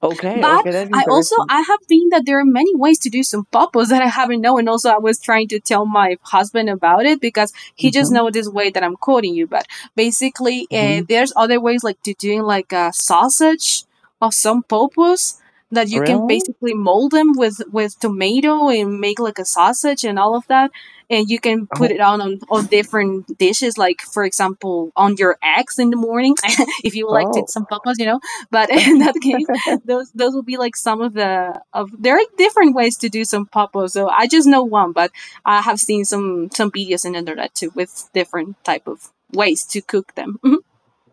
Speaker 2: Okay,
Speaker 1: But
Speaker 2: okay. That's
Speaker 1: I also
Speaker 2: interesting.
Speaker 1: I have been that there are many ways to do some popos that I haven't known. And also I was trying to tell my husband about it because he just
Speaker 2: Mhm,
Speaker 1: know this way that I'm quoting you. But basically,
Speaker 2: mhm.
Speaker 1: there's other ways like to doing like a sausage of some popos that you can
Speaker 2: Really?
Speaker 1: basically mold them with tomato and make like a sausage and all of that, and you can put it
Speaker 2: Oh,
Speaker 1: on different dishes, like for example on your eggs in the morning if you would like to eat
Speaker 2: oh.
Speaker 1: some papas. But in that case, those will be like some of the of there are different ways to do some popo, so I just know one, but I have seen some videos in the internet too with different type of ways to cook them. Mhm.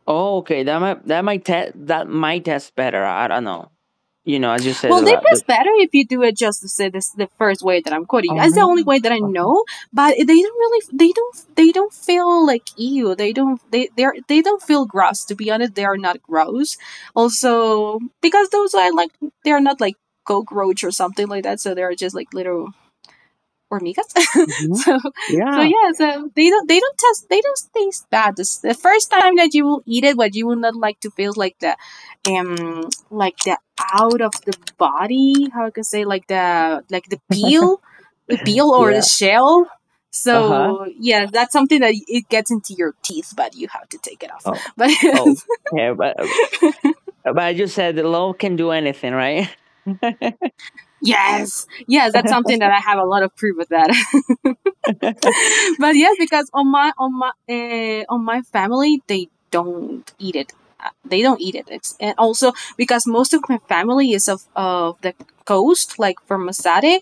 Speaker 2: Oh, okay. That might test better. I don't know. You know, as you said
Speaker 1: Well,
Speaker 2: a
Speaker 1: they
Speaker 2: lot. The,
Speaker 1: taste better if you do it just to say this the first way that I'm quoting you.
Speaker 2: oh,
Speaker 1: That's the only
Speaker 2: really?
Speaker 1: way that I
Speaker 2: Okay.
Speaker 1: know, but they don't feel like ew. They don't feel gross, to be honest. They are not gross also because those are like they are not like cockroach or something like that. So they're just like little or migas.
Speaker 2: Hmm.
Speaker 1: So
Speaker 2: Yeah.
Speaker 1: yeah, so they don't taste bad. This, the first time that you will eat it, what you will not like to feel like the out of the body, how I can say, like the peel, the peel or the
Speaker 2: Yeah.
Speaker 1: shell.
Speaker 2: Uh huh.
Speaker 1: So yeah, that's something that it gets into your teeth, but you have to take it off.
Speaker 2: Oh.
Speaker 1: But
Speaker 2: Oh. Yeah, but as you said, the law can do anything, right?
Speaker 1: yes, yes, that's
Speaker 2: Uh
Speaker 1: something that I have a lot of proof of that. But yes, because on my family they don't eat it. They don't eat it. And also because most of my family is of the coast, like from Masate,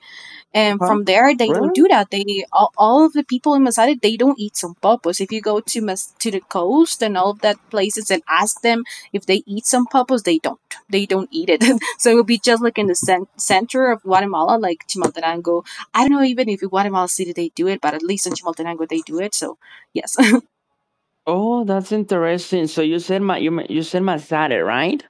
Speaker 1: and from
Speaker 2: huh.
Speaker 1: there they don't
Speaker 2: Really?
Speaker 1: do that. All of the people in Masada, they don't eat pulpos. If you go to to the coast and all of that places and ask them if they eat some pulpos, they don't. They don't eat it. So it would be just like in the center of Guatemala, like Chimaltenango. I don't know even if in Guatemala City they do it, but at least in Chimaltenango they do it. So yes,
Speaker 2: Oh, that's interesting. So you said my you you said Masada, right?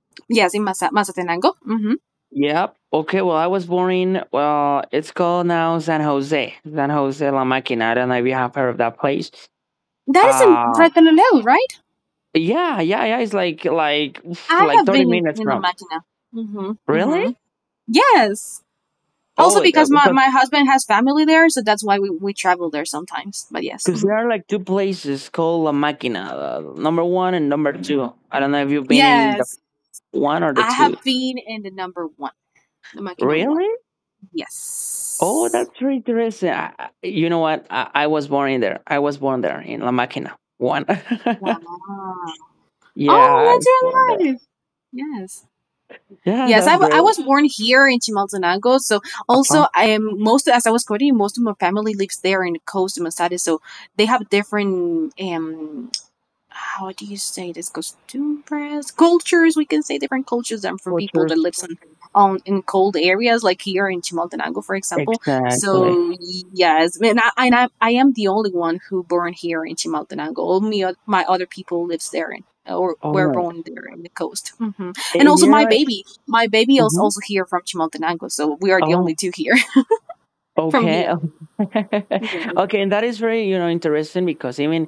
Speaker 1: yes, in Mazatenango. Mm-hmm.
Speaker 2: Yep. Okay. Well, I was born in, well, it's called now San Jose, San Jose La Máquina. I don't know if you have heard of that place.
Speaker 1: That is in
Speaker 2: Uh,
Speaker 1: Retanoleu, right?
Speaker 2: yeah, yeah, yeah. It's
Speaker 1: I
Speaker 2: like
Speaker 1: have
Speaker 2: thirty
Speaker 1: been in,
Speaker 2: minutes
Speaker 1: in La
Speaker 2: from.
Speaker 1: Máquina. Mm-hmm.
Speaker 2: Really?
Speaker 1: Mm-hmm. Yes.
Speaker 2: Oh,
Speaker 1: Also,
Speaker 2: it- uh,
Speaker 1: because my,
Speaker 2: because
Speaker 1: my husband has family there, so that's why we travel there sometimes. But yes.
Speaker 2: because there
Speaker 1: Mhm.
Speaker 2: are like two places called La Máquina, number one and number two. I don't know if you've been in the
Speaker 1: Yes.
Speaker 2: one or the
Speaker 1: I
Speaker 2: two.
Speaker 1: have been in the number one, the Makino one.
Speaker 2: Really? Oh,
Speaker 1: Yes.
Speaker 2: that's very interesting. You know what? I was born in there. I was born there in La Máquina. One.
Speaker 1: Wow.
Speaker 2: Yeah, I
Speaker 1: Oh, that's
Speaker 2: was born.
Speaker 1: really nice. Yes.
Speaker 2: Yeah,
Speaker 1: Yes, I,
Speaker 2: that's
Speaker 1: I
Speaker 2: great.
Speaker 1: was born here in Chimaltenango. So
Speaker 2: Uh-huh.
Speaker 1: also, as I was quoting, most of my family lives there in the coast of Masada. So they have different how do you say this, costumbres, cultures, we can say different cultures and from people that
Speaker 2: Cultures.
Speaker 1: lives on in cold areas like here in Chimaltenango, for example.
Speaker 2: Exactly.
Speaker 1: So yes, and I am the only one who born here in Chimaltenango. All me My other people lives there in, or
Speaker 2: Oh,
Speaker 1: were
Speaker 2: and
Speaker 1: born there in the coast. Hmm. And
Speaker 2: and
Speaker 1: also
Speaker 2: you know
Speaker 1: my
Speaker 2: what?
Speaker 1: baby my baby is
Speaker 2: Mhm.
Speaker 1: also here from Chimaltenango, so we are the only
Speaker 2: Oh,
Speaker 1: two here from
Speaker 2: okay.
Speaker 1: here. Yeah.
Speaker 2: Okay, and that is very, you know, interesting because even,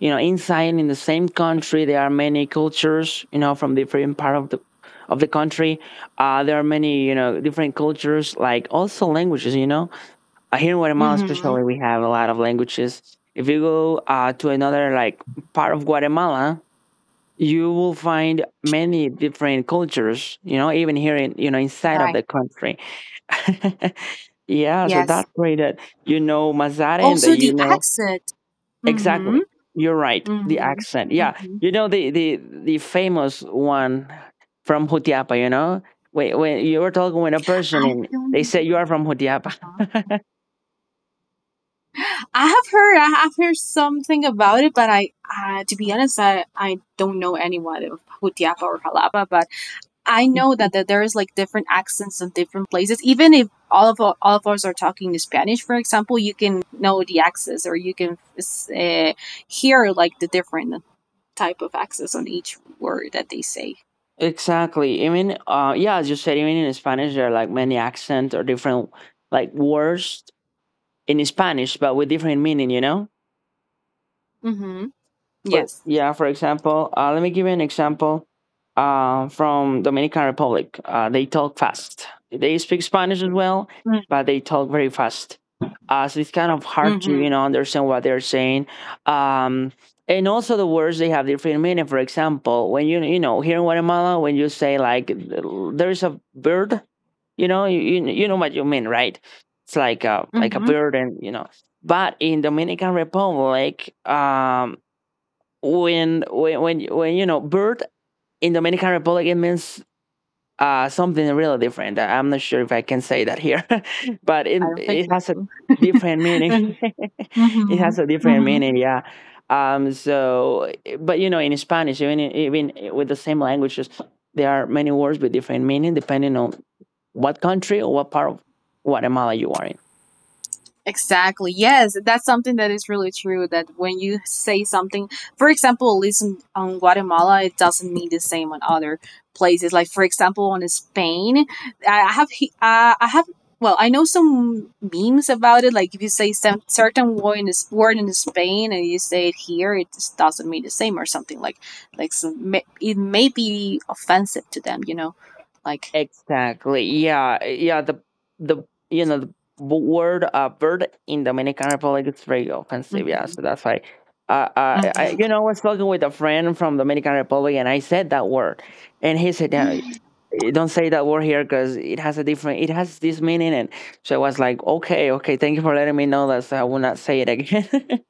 Speaker 2: you know, inside in the same country there are many cultures, you know, from different part of the country. Uh, there are many, you know, different cultures, like also languages, you know. Here in Guatemala
Speaker 1: Hmm.
Speaker 2: especially we have a lot of languages. If you go to another like part of Guatemala, you will find many different cultures, you know, even here in, you know, inside of
Speaker 1: Right.
Speaker 2: the country. Yeah, so
Speaker 1: Yes,
Speaker 2: that's great that you know mazare and that
Speaker 1: also
Speaker 2: you
Speaker 1: the
Speaker 2: know
Speaker 1: accent. Hmm.
Speaker 2: exactly you're right the
Speaker 1: Mhm.
Speaker 2: accent, yeah,
Speaker 1: Mhm.
Speaker 2: you know the famous one from Jutiapa, you know, when you were talking with a person
Speaker 1: I
Speaker 2: and they
Speaker 1: don't.
Speaker 2: say you are from
Speaker 1: Uh-huh.
Speaker 2: Jutiapa.
Speaker 1: I have heard something about it, but to be honest, I don't know anyone of Jutiapa or Jalapa. But I know that there is like different accents in different places. Even if all of us are talking Spanish, for example, you can know the accents, or you can uh, hear like the different type of accents on each word that they say.
Speaker 2: Exactly. Even yeah, as you said, even in Spanish there are like many accents or different like words in Spanish, but with different meaning, you know?
Speaker 1: Mm-hmm.
Speaker 2: For,
Speaker 1: Yes.
Speaker 2: yeah, for example, let me give you an example from Dominican Republic. They talk fast. They speak Spanish as well, but they talk very fast. So it's kind of hard to
Speaker 1: Mm-hmm.
Speaker 2: you know understand what they're saying. Um, and also the words they have different meaning. For example, when you know here in Guatemala, when you say like there is a bird, you know you, you know what you mean, right? It's like a
Speaker 1: Mm-hmm.
Speaker 2: bird, and you know, but in Dominican Republic, when you know bird in Dominican Republic it means something really different. I'm not sure if I can say that here, but it
Speaker 1: I don't think
Speaker 2: it has a
Speaker 1: so.
Speaker 2: different meaning. It
Speaker 1: Hmm.
Speaker 2: has a different
Speaker 1: Hmm.
Speaker 2: meaning, yeah. So, but you know, in Spanish, even with the same languages, there are many words with different meaning depending on what country or what part of Guatemala you are in.
Speaker 1: Exactly. Yes, that's something that is really true. That when you say something, for example, at least in on Guatemala, it doesn't mean the same on other places. Like for example, on Spain, I have he- I have well, I know some memes about it. Like if you say some certain word in this word in Spain and you say it here, it just doesn't mean the same or something. Like it may be offensive to them, you know, like.
Speaker 2: Exactly. Yeah. Yeah. The you know the word bird in Dominican Republic is very offensive. Yeah. So that's why.
Speaker 1: Hmm.
Speaker 2: You know, I was talking with a friend from Dominican Republic, and I said that word, and he said, "No, eh, don't say that word here because it has a different, it has this meaning." And so I was like, "Okay, okay, thank you for letting me know that, so I will not say it again."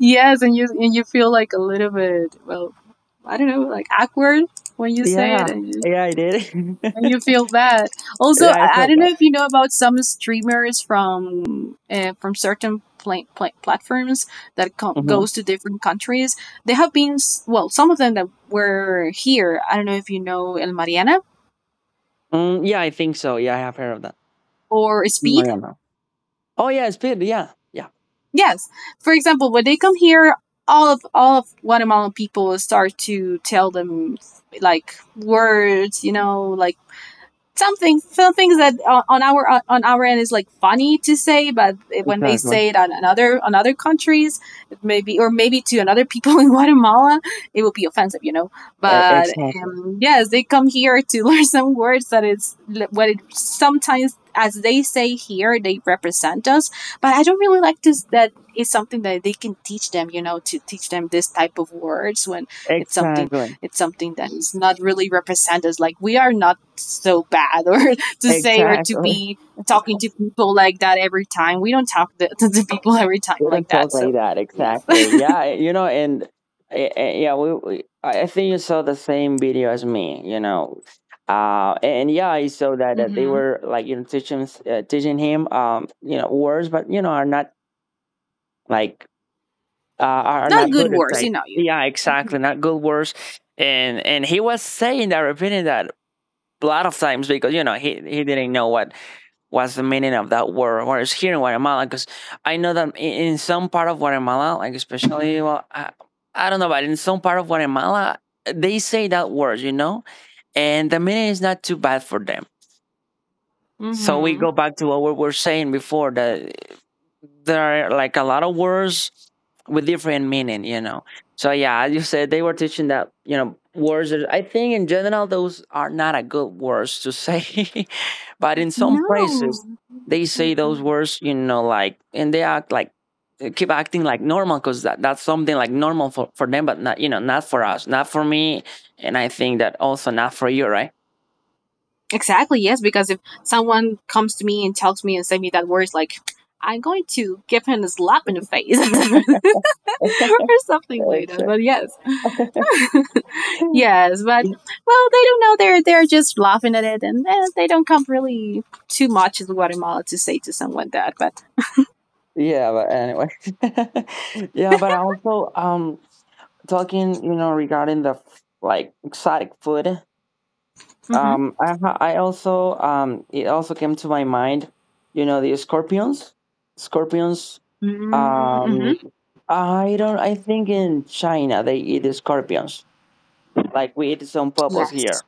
Speaker 1: Yes, and you feel like a little bit, well, I don't know, like awkward when you say it,
Speaker 2: Yeah,
Speaker 1: and you,
Speaker 2: yeah, I did.
Speaker 1: and you feel bad. Also,
Speaker 2: Yeah, I
Speaker 1: I
Speaker 2: felt
Speaker 1: don't
Speaker 2: that.
Speaker 1: know if you know about some streamers from certain platforms that
Speaker 2: Hmm.
Speaker 1: goes to different countries. They have been well, some of them that were here. I don't know if you know El Mariana
Speaker 2: Mm, yeah, I think so. Yeah, I have heard of that.
Speaker 1: or Speed.
Speaker 2: Mm, yeah. Oh yeah, it's been yeah, yeah.
Speaker 1: Yes. For example, when they come here, all of Guatemalan people will start to tell them like words, like some things that on our end is like funny to say, but when they
Speaker 2: Exactly.
Speaker 1: say it on other countries, maybe or maybe to another people, in Guatemala it will be offensive, but
Speaker 2: Exactly.
Speaker 1: yes, they come here to learn some words. That is what it sometimes, as they say here, they represent us, but I don't really like this, that it's something that they can teach them, to teach them this type of words, when
Speaker 2: Exactly.
Speaker 1: it's something that is not really represent us. Like we are not so bad or to say or to
Speaker 2: Exactly.
Speaker 1: be talking to people like that every time. We don't talk to, to people every time
Speaker 2: We
Speaker 1: like
Speaker 2: don't
Speaker 1: that.
Speaker 2: talk like
Speaker 1: So,
Speaker 2: that.
Speaker 1: yes.
Speaker 2: Exactly. Yeah. You know, and eh, eh, yeah, we, we. I think you saw the same video as me. You know, and yeah, I saw that they
Speaker 1: Mm-hmm.
Speaker 2: were like you know teaching teaching him you know words, but you know are not like uh, are
Speaker 1: Not
Speaker 2: not
Speaker 1: good
Speaker 2: good at
Speaker 1: words,
Speaker 2: like
Speaker 1: you know you.
Speaker 2: yeah exactly not good words, and he was saying that repeating that a lot of times because you know he
Speaker 1: Mm-hmm.
Speaker 2: didn't know what what's the meaning of that word or here in Guatemala because I know that in some part of Guatemala, like especially well I don't know, but in some part of Guatemala they say that word, you know, and the meaning is not too bad for them, so we
Speaker 1: Mm-hmm.
Speaker 2: go back to what we were saying before that there are like a lot of words with different meaning, you know, so yeah, as you said, they were teaching that, you know, I think in general those are not a good words to say. But in some places
Speaker 1: No.
Speaker 2: they
Speaker 1: I
Speaker 2: say those
Speaker 1: don't.
Speaker 2: words, you know, like, and they act like they keep acting like normal because that's something like normal for them, but not, you know, not for us, not for me, and I think that also not for you, right?
Speaker 1: Exactly, yes, because if someone comes to me and tells me and say me that word, it's like, I'm going to give him a slap in the face, or something like that.
Speaker 2: Except
Speaker 1: But yes. Yes, but well, they don't know. They're just laughing at it, and they don't come really too much in Guatemala to say to someone that. But
Speaker 2: yeah, but anyway. Yeah, but also talking, you know, regarding the like exotic food,
Speaker 1: mm-hmm.
Speaker 2: I ha- I also it also came to my mind, you know, the scorpions, scorpions.
Speaker 1: Mm-hmm. Mm-hmm.
Speaker 2: Um, I don't. I think in China they eat scorpions like we eat some purpose here.
Speaker 1: Yes,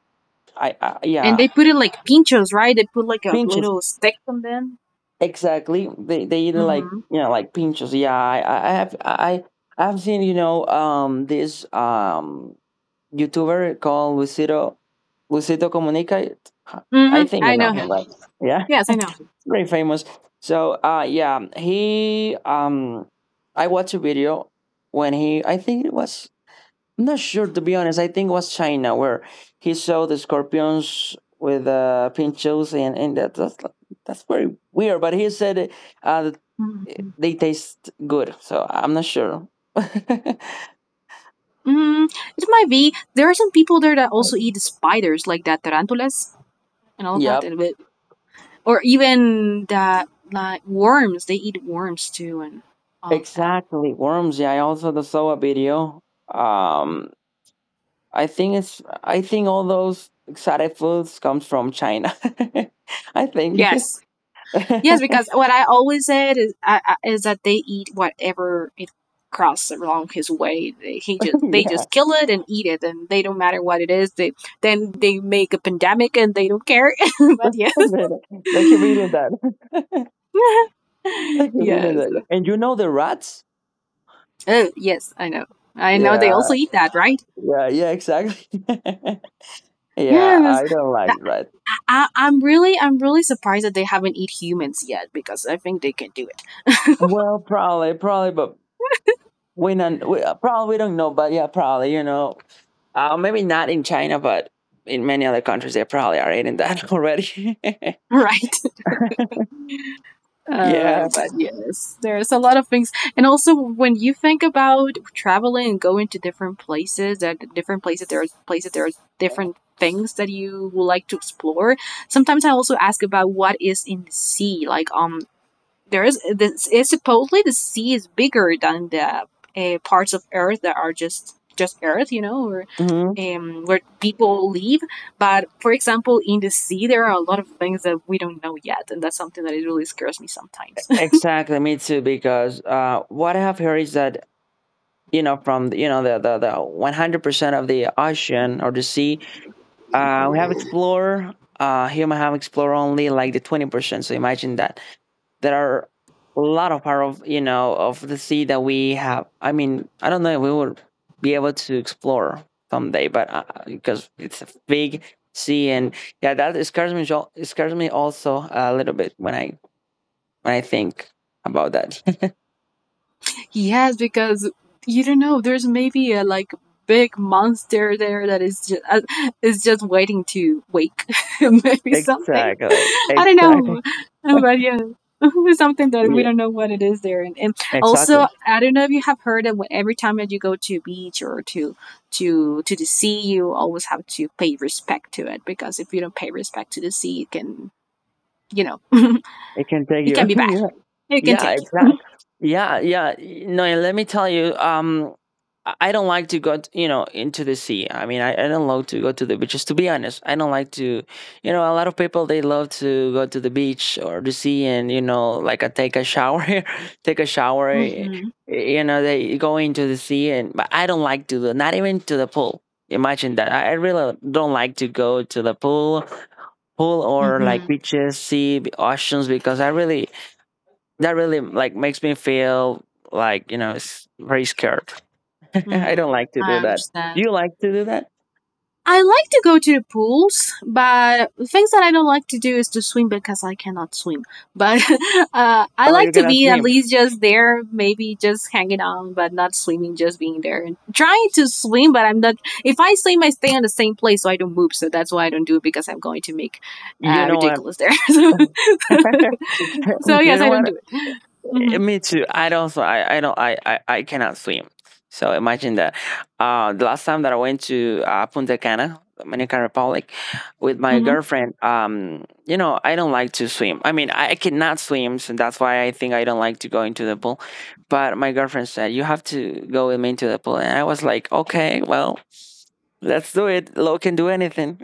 Speaker 2: I
Speaker 1: and
Speaker 2: yeah,
Speaker 1: they put it like pinchos, right? They put like a
Speaker 2: pinchos
Speaker 1: little stick on them.
Speaker 2: exactly. They eat it like
Speaker 1: Mm-hmm.
Speaker 2: you know like pinchos. Yeah, I have seen, you know, this YouTuber called Lucito Comunica. I
Speaker 1: Mm-hmm.
Speaker 2: think you
Speaker 1: I
Speaker 2: know
Speaker 1: know him.
Speaker 2: him, right? Yeah,
Speaker 1: Yes, I know him.
Speaker 2: very famous. So, yeah, he I watched a video when he. I think it was. I'm not sure to be honest. I think it was China where he saw the scorpions with pinchos and that's very weird. But he said that
Speaker 1: Mm-hmm.
Speaker 2: they taste good, so I'm not sure.
Speaker 1: Mm, it might be. There are some people there that also eat spiders, like that tarantulas and all of that,
Speaker 2: Yep.
Speaker 1: or even that like worms. They eat worms too, and all of that.
Speaker 2: Exactly. Worms. Yeah, I also the soa video. Um, I think it's. I think all those exotic foods comes from China. I think.
Speaker 1: Yes.
Speaker 2: Yeah,
Speaker 1: Yes, because what I always said is is that they eat whatever it crosses along his way. They just kill it and eat it, and they don't matter what it is. They then they make a pandemic and they don't care. But yes,
Speaker 2: they they keep eating that. They keep eating
Speaker 1: yes,
Speaker 2: that. Yeah, and you know the rats?
Speaker 1: oh yes, I know, I know. They
Speaker 2: Yeah,
Speaker 1: also eat that, right?
Speaker 2: yeah, yeah. Exactly. Yeah,
Speaker 1: Yes.
Speaker 2: I don't
Speaker 1: I,
Speaker 2: like rats.
Speaker 1: I'm really surprised that they haven't eat humans yet because I think they can do it,
Speaker 2: Well, probably, probably, but we don't probably we don't know, but yeah, probably, you know, maybe not in China, but in many other countries they probably are eating that. Already.
Speaker 1: right?
Speaker 2: Yeah.
Speaker 1: But yes, there's a lot of things, and also when you think about traveling and going to different places, at different places there are different things that you would like to explore. Sometimes I also ask about what is in the sea, like there is this is supposedly the sea is bigger than the parts of Earth that are just Earth, you know, or
Speaker 2: Hmm.
Speaker 1: where people live. But for example, in the sea, there are a lot of things that we don't know yet, and that's something that it really scares me sometimes.
Speaker 2: Exactly. Me too, because what I have heard is that, you know, from the 100% of the ocean or the sea, we have explored human have explored only like the 20%, so imagine that there are
Speaker 1: Yeah.
Speaker 2: a lot of part of, you know, of the sea that we have, I mean, I don't know if we will be able to explore someday, but because it's a big sea, and yeah, that scares me, it scares me also a little bit when I think about that.
Speaker 1: He has because you don't know. There's maybe a big monster there that is just waiting to wake. Maybe something.
Speaker 2: Exactly,
Speaker 1: I don't
Speaker 2: exactly.
Speaker 1: know. But yeah. Something that we
Speaker 2: Yeah,
Speaker 1: don't know what it is there and also
Speaker 2: exactly.
Speaker 1: I don't know if you have heard that every time that you go to a beach or to the sea, you always have to pay respect to it, because if you don't pay respect to the sea, it can, you know
Speaker 2: It can take
Speaker 1: it
Speaker 2: you.
Speaker 1: can be bad, it can
Speaker 2: Yeah,
Speaker 1: take you.
Speaker 2: exactly. Yeah, yeah. No, and let me tell you, I don't like to go, you know, into the sea. I mean, I don't love to go to the beaches. To be honest, I don't like to, you know, a lot of people they love to go to the beach or the sea, and you know, like I take a shower. Take a shower.
Speaker 1: hmm
Speaker 2: You know, they go into the sea and but I don't like to. Not even to the pool. Imagine that. I really don't like to go to the pool, or like
Speaker 1: hmm
Speaker 2: beaches, sea, oceans because I really that really like makes me feel like very scared. I don't like to do
Speaker 1: I
Speaker 2: that. Do
Speaker 1: understand.
Speaker 2: you like to do that?
Speaker 1: I like to go to the pools, but the things that I don't like to do is to swim, because I cannot swim. But I
Speaker 2: Oh,
Speaker 1: like
Speaker 2: you're
Speaker 1: to
Speaker 2: gonna
Speaker 1: be at
Speaker 2: swim?
Speaker 1: least just there, maybe just hanging out, but not swimming, just being there. And trying to swim, but I'm not. If I swim, I stay in the same place, so I don't move. So that's why I don't do it, because I'm going to make
Speaker 2: You know what?
Speaker 1: ridiculous there. So so
Speaker 2: You
Speaker 1: yes,
Speaker 2: know
Speaker 1: I don't
Speaker 2: what?
Speaker 1: do it. hmm
Speaker 2: Me too. I also I don't I cannot swim. So imagine that. The last time that I went to Punta Cana, Dominican Republic, with my
Speaker 1: hmm
Speaker 2: girlfriend, you know, I don't like to swim. I mean, I cannot swim, so that's why I think I don't like to go into the pool. But my girlfriend said you have to go with me into the pool, and I was like, okay, well, let's do it. Lo can do anything.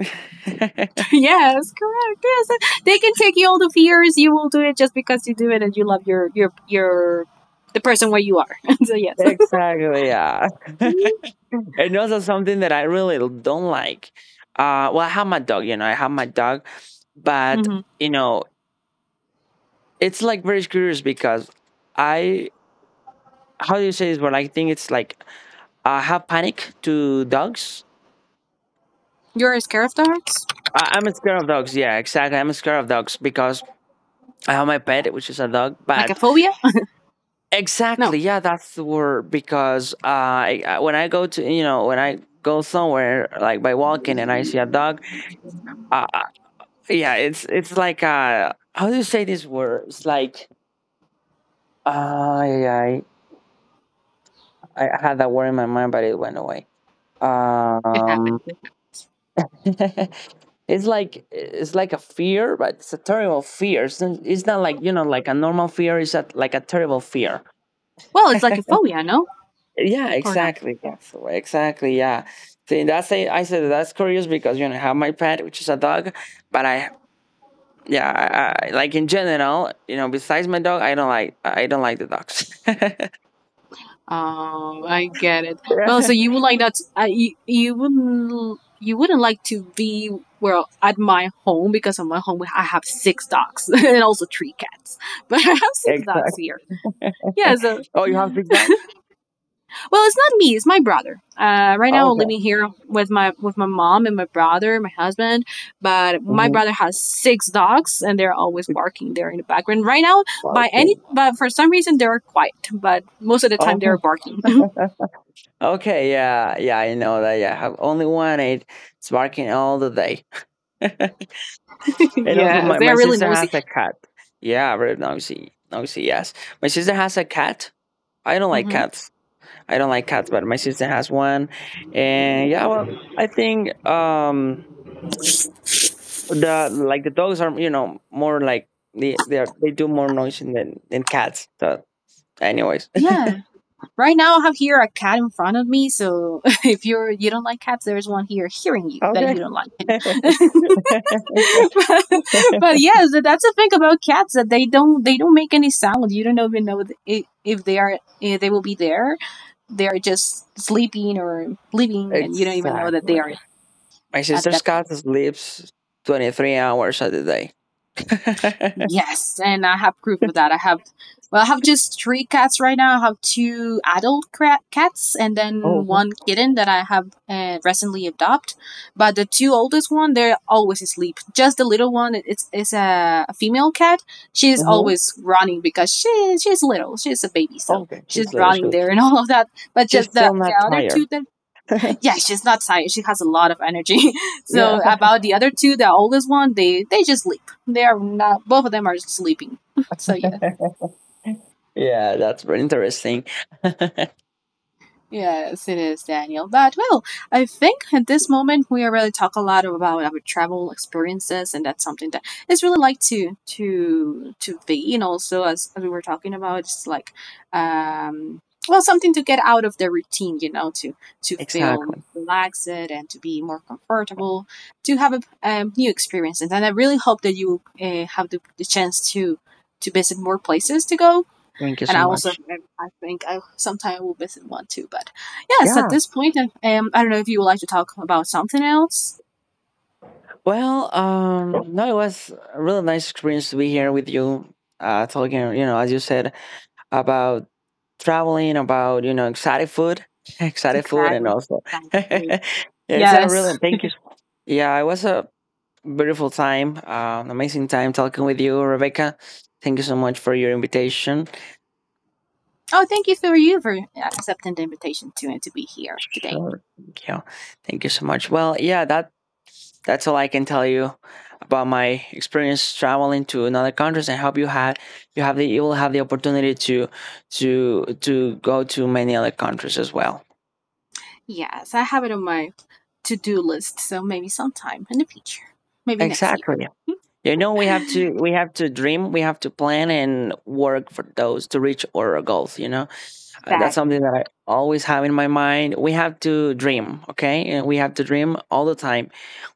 Speaker 1: Yes, correct. Yes, they can take you all the fears. You will do it just because you do it and you love your the person where you are. So yes.
Speaker 2: Exactly. Yeah. And also something that I really don't like. Well, I have my dog, you know, I have my dog, but
Speaker 1: hmm
Speaker 2: you know, it's like very curious because I, how do you say this word? I think it's like I have panic to dogs.
Speaker 1: You're scared of dogs?
Speaker 2: I'm scared of dogs. Yeah, exactly. I'm scared of dogs because I have my pet, which is a dog.
Speaker 1: Like a
Speaker 2: But
Speaker 1: phobia?
Speaker 2: exactly,
Speaker 1: No.
Speaker 2: yeah, that's the word. Because when I go to, you know, when I go somewhere like by walking and I see a dog, I, yeah, it's like how do you say this word? It's like yeah, I had that word in my mind but it went away.
Speaker 1: It
Speaker 2: Um
Speaker 1: happens. It happens.
Speaker 2: it's like it's like a fear, but it's a terrible fear. It's not like you know, like a normal fear, it's a, like a terrible fear.
Speaker 1: Well, it's like a phobia, no?
Speaker 2: Yeah,
Speaker 1: Or no?
Speaker 2: exactly. That's the way- exactly. Yeah. See, that's I said that's curious because you know I have my pet, which is a dog, but I yeah, like in general, you know, besides my dog, I don't like the dogs. Yeah,
Speaker 1: Oh, I get it. Well, so you would like not? You wouldn't, you wouldn't like to be well at my home, because at my home I have six dogs and also three cats, but I have six dogs
Speaker 2: exactly.
Speaker 1: here. Yeah, so
Speaker 2: Oh, you have big dogs?
Speaker 1: well, it's not me; it's my brother. Right now, I'm
Speaker 2: Okay.
Speaker 1: living here with my mom and my brother, my husband. But my
Speaker 2: Mhm.
Speaker 1: brother has six dogs, and they're always
Speaker 2: Big
Speaker 1: barking there in the background. Right now,
Speaker 2: dogs
Speaker 1: by any
Speaker 2: and-
Speaker 1: but for some reason they're quiet, but most of the time
Speaker 2: okay.
Speaker 1: they're barking.
Speaker 2: Okay. Yeah. Yeah. I know that. Yeah. I have only one. It's barking all the day. And also,
Speaker 1: Yes,
Speaker 2: my,
Speaker 1: they're
Speaker 2: my
Speaker 1: really
Speaker 2: sister has
Speaker 1: nosy.
Speaker 2: a cat. Yeah. Very noisy. Noisy. Yes. My sister has a cat. I don't like
Speaker 1: hmm
Speaker 2: cats. I don't like cats, but my sister has one. And yeah, well, I think the like the dogs are you know more like they are they do more noise than cats so anyways.
Speaker 1: Yeah. Right now, I have here a cat in front of me. So if you don't like cats, there's one here hearing you that
Speaker 2: Okay.
Speaker 1: you don't like. but, but yes, that's the thing about cats, that they don't make any sound. You don't even know if they are, if they will be there. They are just sleeping or living, and you don't even know that they
Speaker 2: Exactly.
Speaker 1: are
Speaker 2: My
Speaker 1: at
Speaker 2: sister's
Speaker 1: that.
Speaker 2: cat sleeps 23 hours of the day.
Speaker 1: Yes, and I have proof of that. I have, well, I have just three cats right now. I have two adult cats and then
Speaker 2: Okay.
Speaker 1: one kitten that I have recently adopted. But the two oldest one, they're always asleep. Just the little one, it's a female cat. She's
Speaker 2: Hmm.
Speaker 1: always running because she's little. She's a baby, so
Speaker 2: Okay.
Speaker 1: she's
Speaker 2: She's little. She,
Speaker 1: running there and all of that. But
Speaker 2: she's
Speaker 1: just
Speaker 2: still
Speaker 1: the
Speaker 2: not
Speaker 1: other
Speaker 2: tired.
Speaker 1: two that yeah, she's not tired. She has a lot of energy.
Speaker 2: Yeah.
Speaker 1: So about the other two, the oldest one, they just sleep. They are not. Both of them are sleeping. So yeah.
Speaker 2: Yeah, that's very interesting.
Speaker 1: Yes, it is, Daniel. But well, I think at this moment we already talk a lot about our travel experiences, and that's something that is really like to be. And also, as we were talking about, it's like um, well, something to get out of the routine, you know, to feel
Speaker 2: Exactly.
Speaker 1: relaxed and to be more comfortable, to have a new experiences. And I really hope that you have the chance to visit more places to go.
Speaker 2: Thank you
Speaker 1: And
Speaker 2: so
Speaker 1: I also,
Speaker 2: much.
Speaker 1: I think I sometime will visit one too. But yes, at
Speaker 2: Yeah.
Speaker 1: this point, I don't know if you would like to talk about something else.
Speaker 2: Well, no, it was a really nice experience to be here with you, talking, you know, as you said, about traveling, about, you know, exotic food, exotic food, and
Speaker 1: Exactly.
Speaker 2: also,
Speaker 1: Italian food.
Speaker 2: it's a
Speaker 1: Yes.
Speaker 2: really, thank you. Yeah, it was a beautiful time, an amazing time talking with you, Rebecca. Thank you so much for your invitation.
Speaker 1: Oh, thank you for accepting the invitation to and to be here today.
Speaker 2: Sure. Yeah, thank you so much. Well, yeah, That's all I can tell you about my experience traveling to another countries. And hope you have the you will have the opportunity to to go to many other countries as well.
Speaker 1: Yes, I have it on my to-do list, so maybe sometime in the future, maybe next year.
Speaker 2: Exactly. You know we have to dream, we have to plan and work for those to reach our goals, you know. That's
Speaker 1: Exactly.
Speaker 2: something that I always have in my mind. We have to dream, okay? And we have to dream all the time.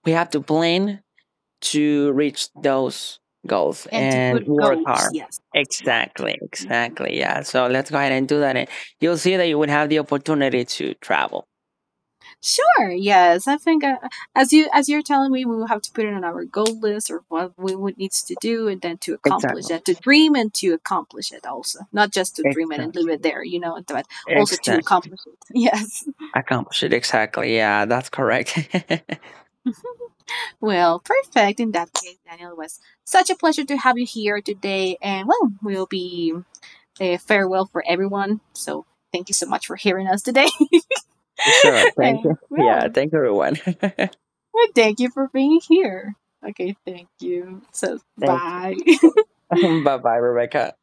Speaker 2: We have to plan to reach those goals
Speaker 1: And to
Speaker 2: and
Speaker 1: put
Speaker 2: work
Speaker 1: goals.
Speaker 2: hard.
Speaker 1: Yes. Right.
Speaker 2: Exactly, exactly. Yeah. So let's go ahead and do that. And you'll see that you will have the opportunity to travel.
Speaker 1: Sure. Yes, I think as you're telling me, we will have to put it on our goal list or what we would needs to do, and then to accomplish
Speaker 2: Exactly.
Speaker 1: that, to dream and to accomplish it also, not just to dream it and leave it
Speaker 2: Exactly.
Speaker 1: there, you know, but also to
Speaker 2: Exactly.
Speaker 1: accomplish it. Yes.
Speaker 2: Accomplish it. Exactly. Yeah, that's correct.
Speaker 1: Well, perfect. In that case, Daniel, it was such a pleasure to have you here today, and well, we'll be a farewell for everyone. So thank you so much for hearing us today,
Speaker 2: Sure. Thank you.
Speaker 1: and
Speaker 2: Yeah.
Speaker 1: well,
Speaker 2: Thank you, everyone. Thank
Speaker 1: thank you for being here. Okay, thank you. So,
Speaker 2: you.
Speaker 1: bye.
Speaker 2: Bye bye, Rebecca.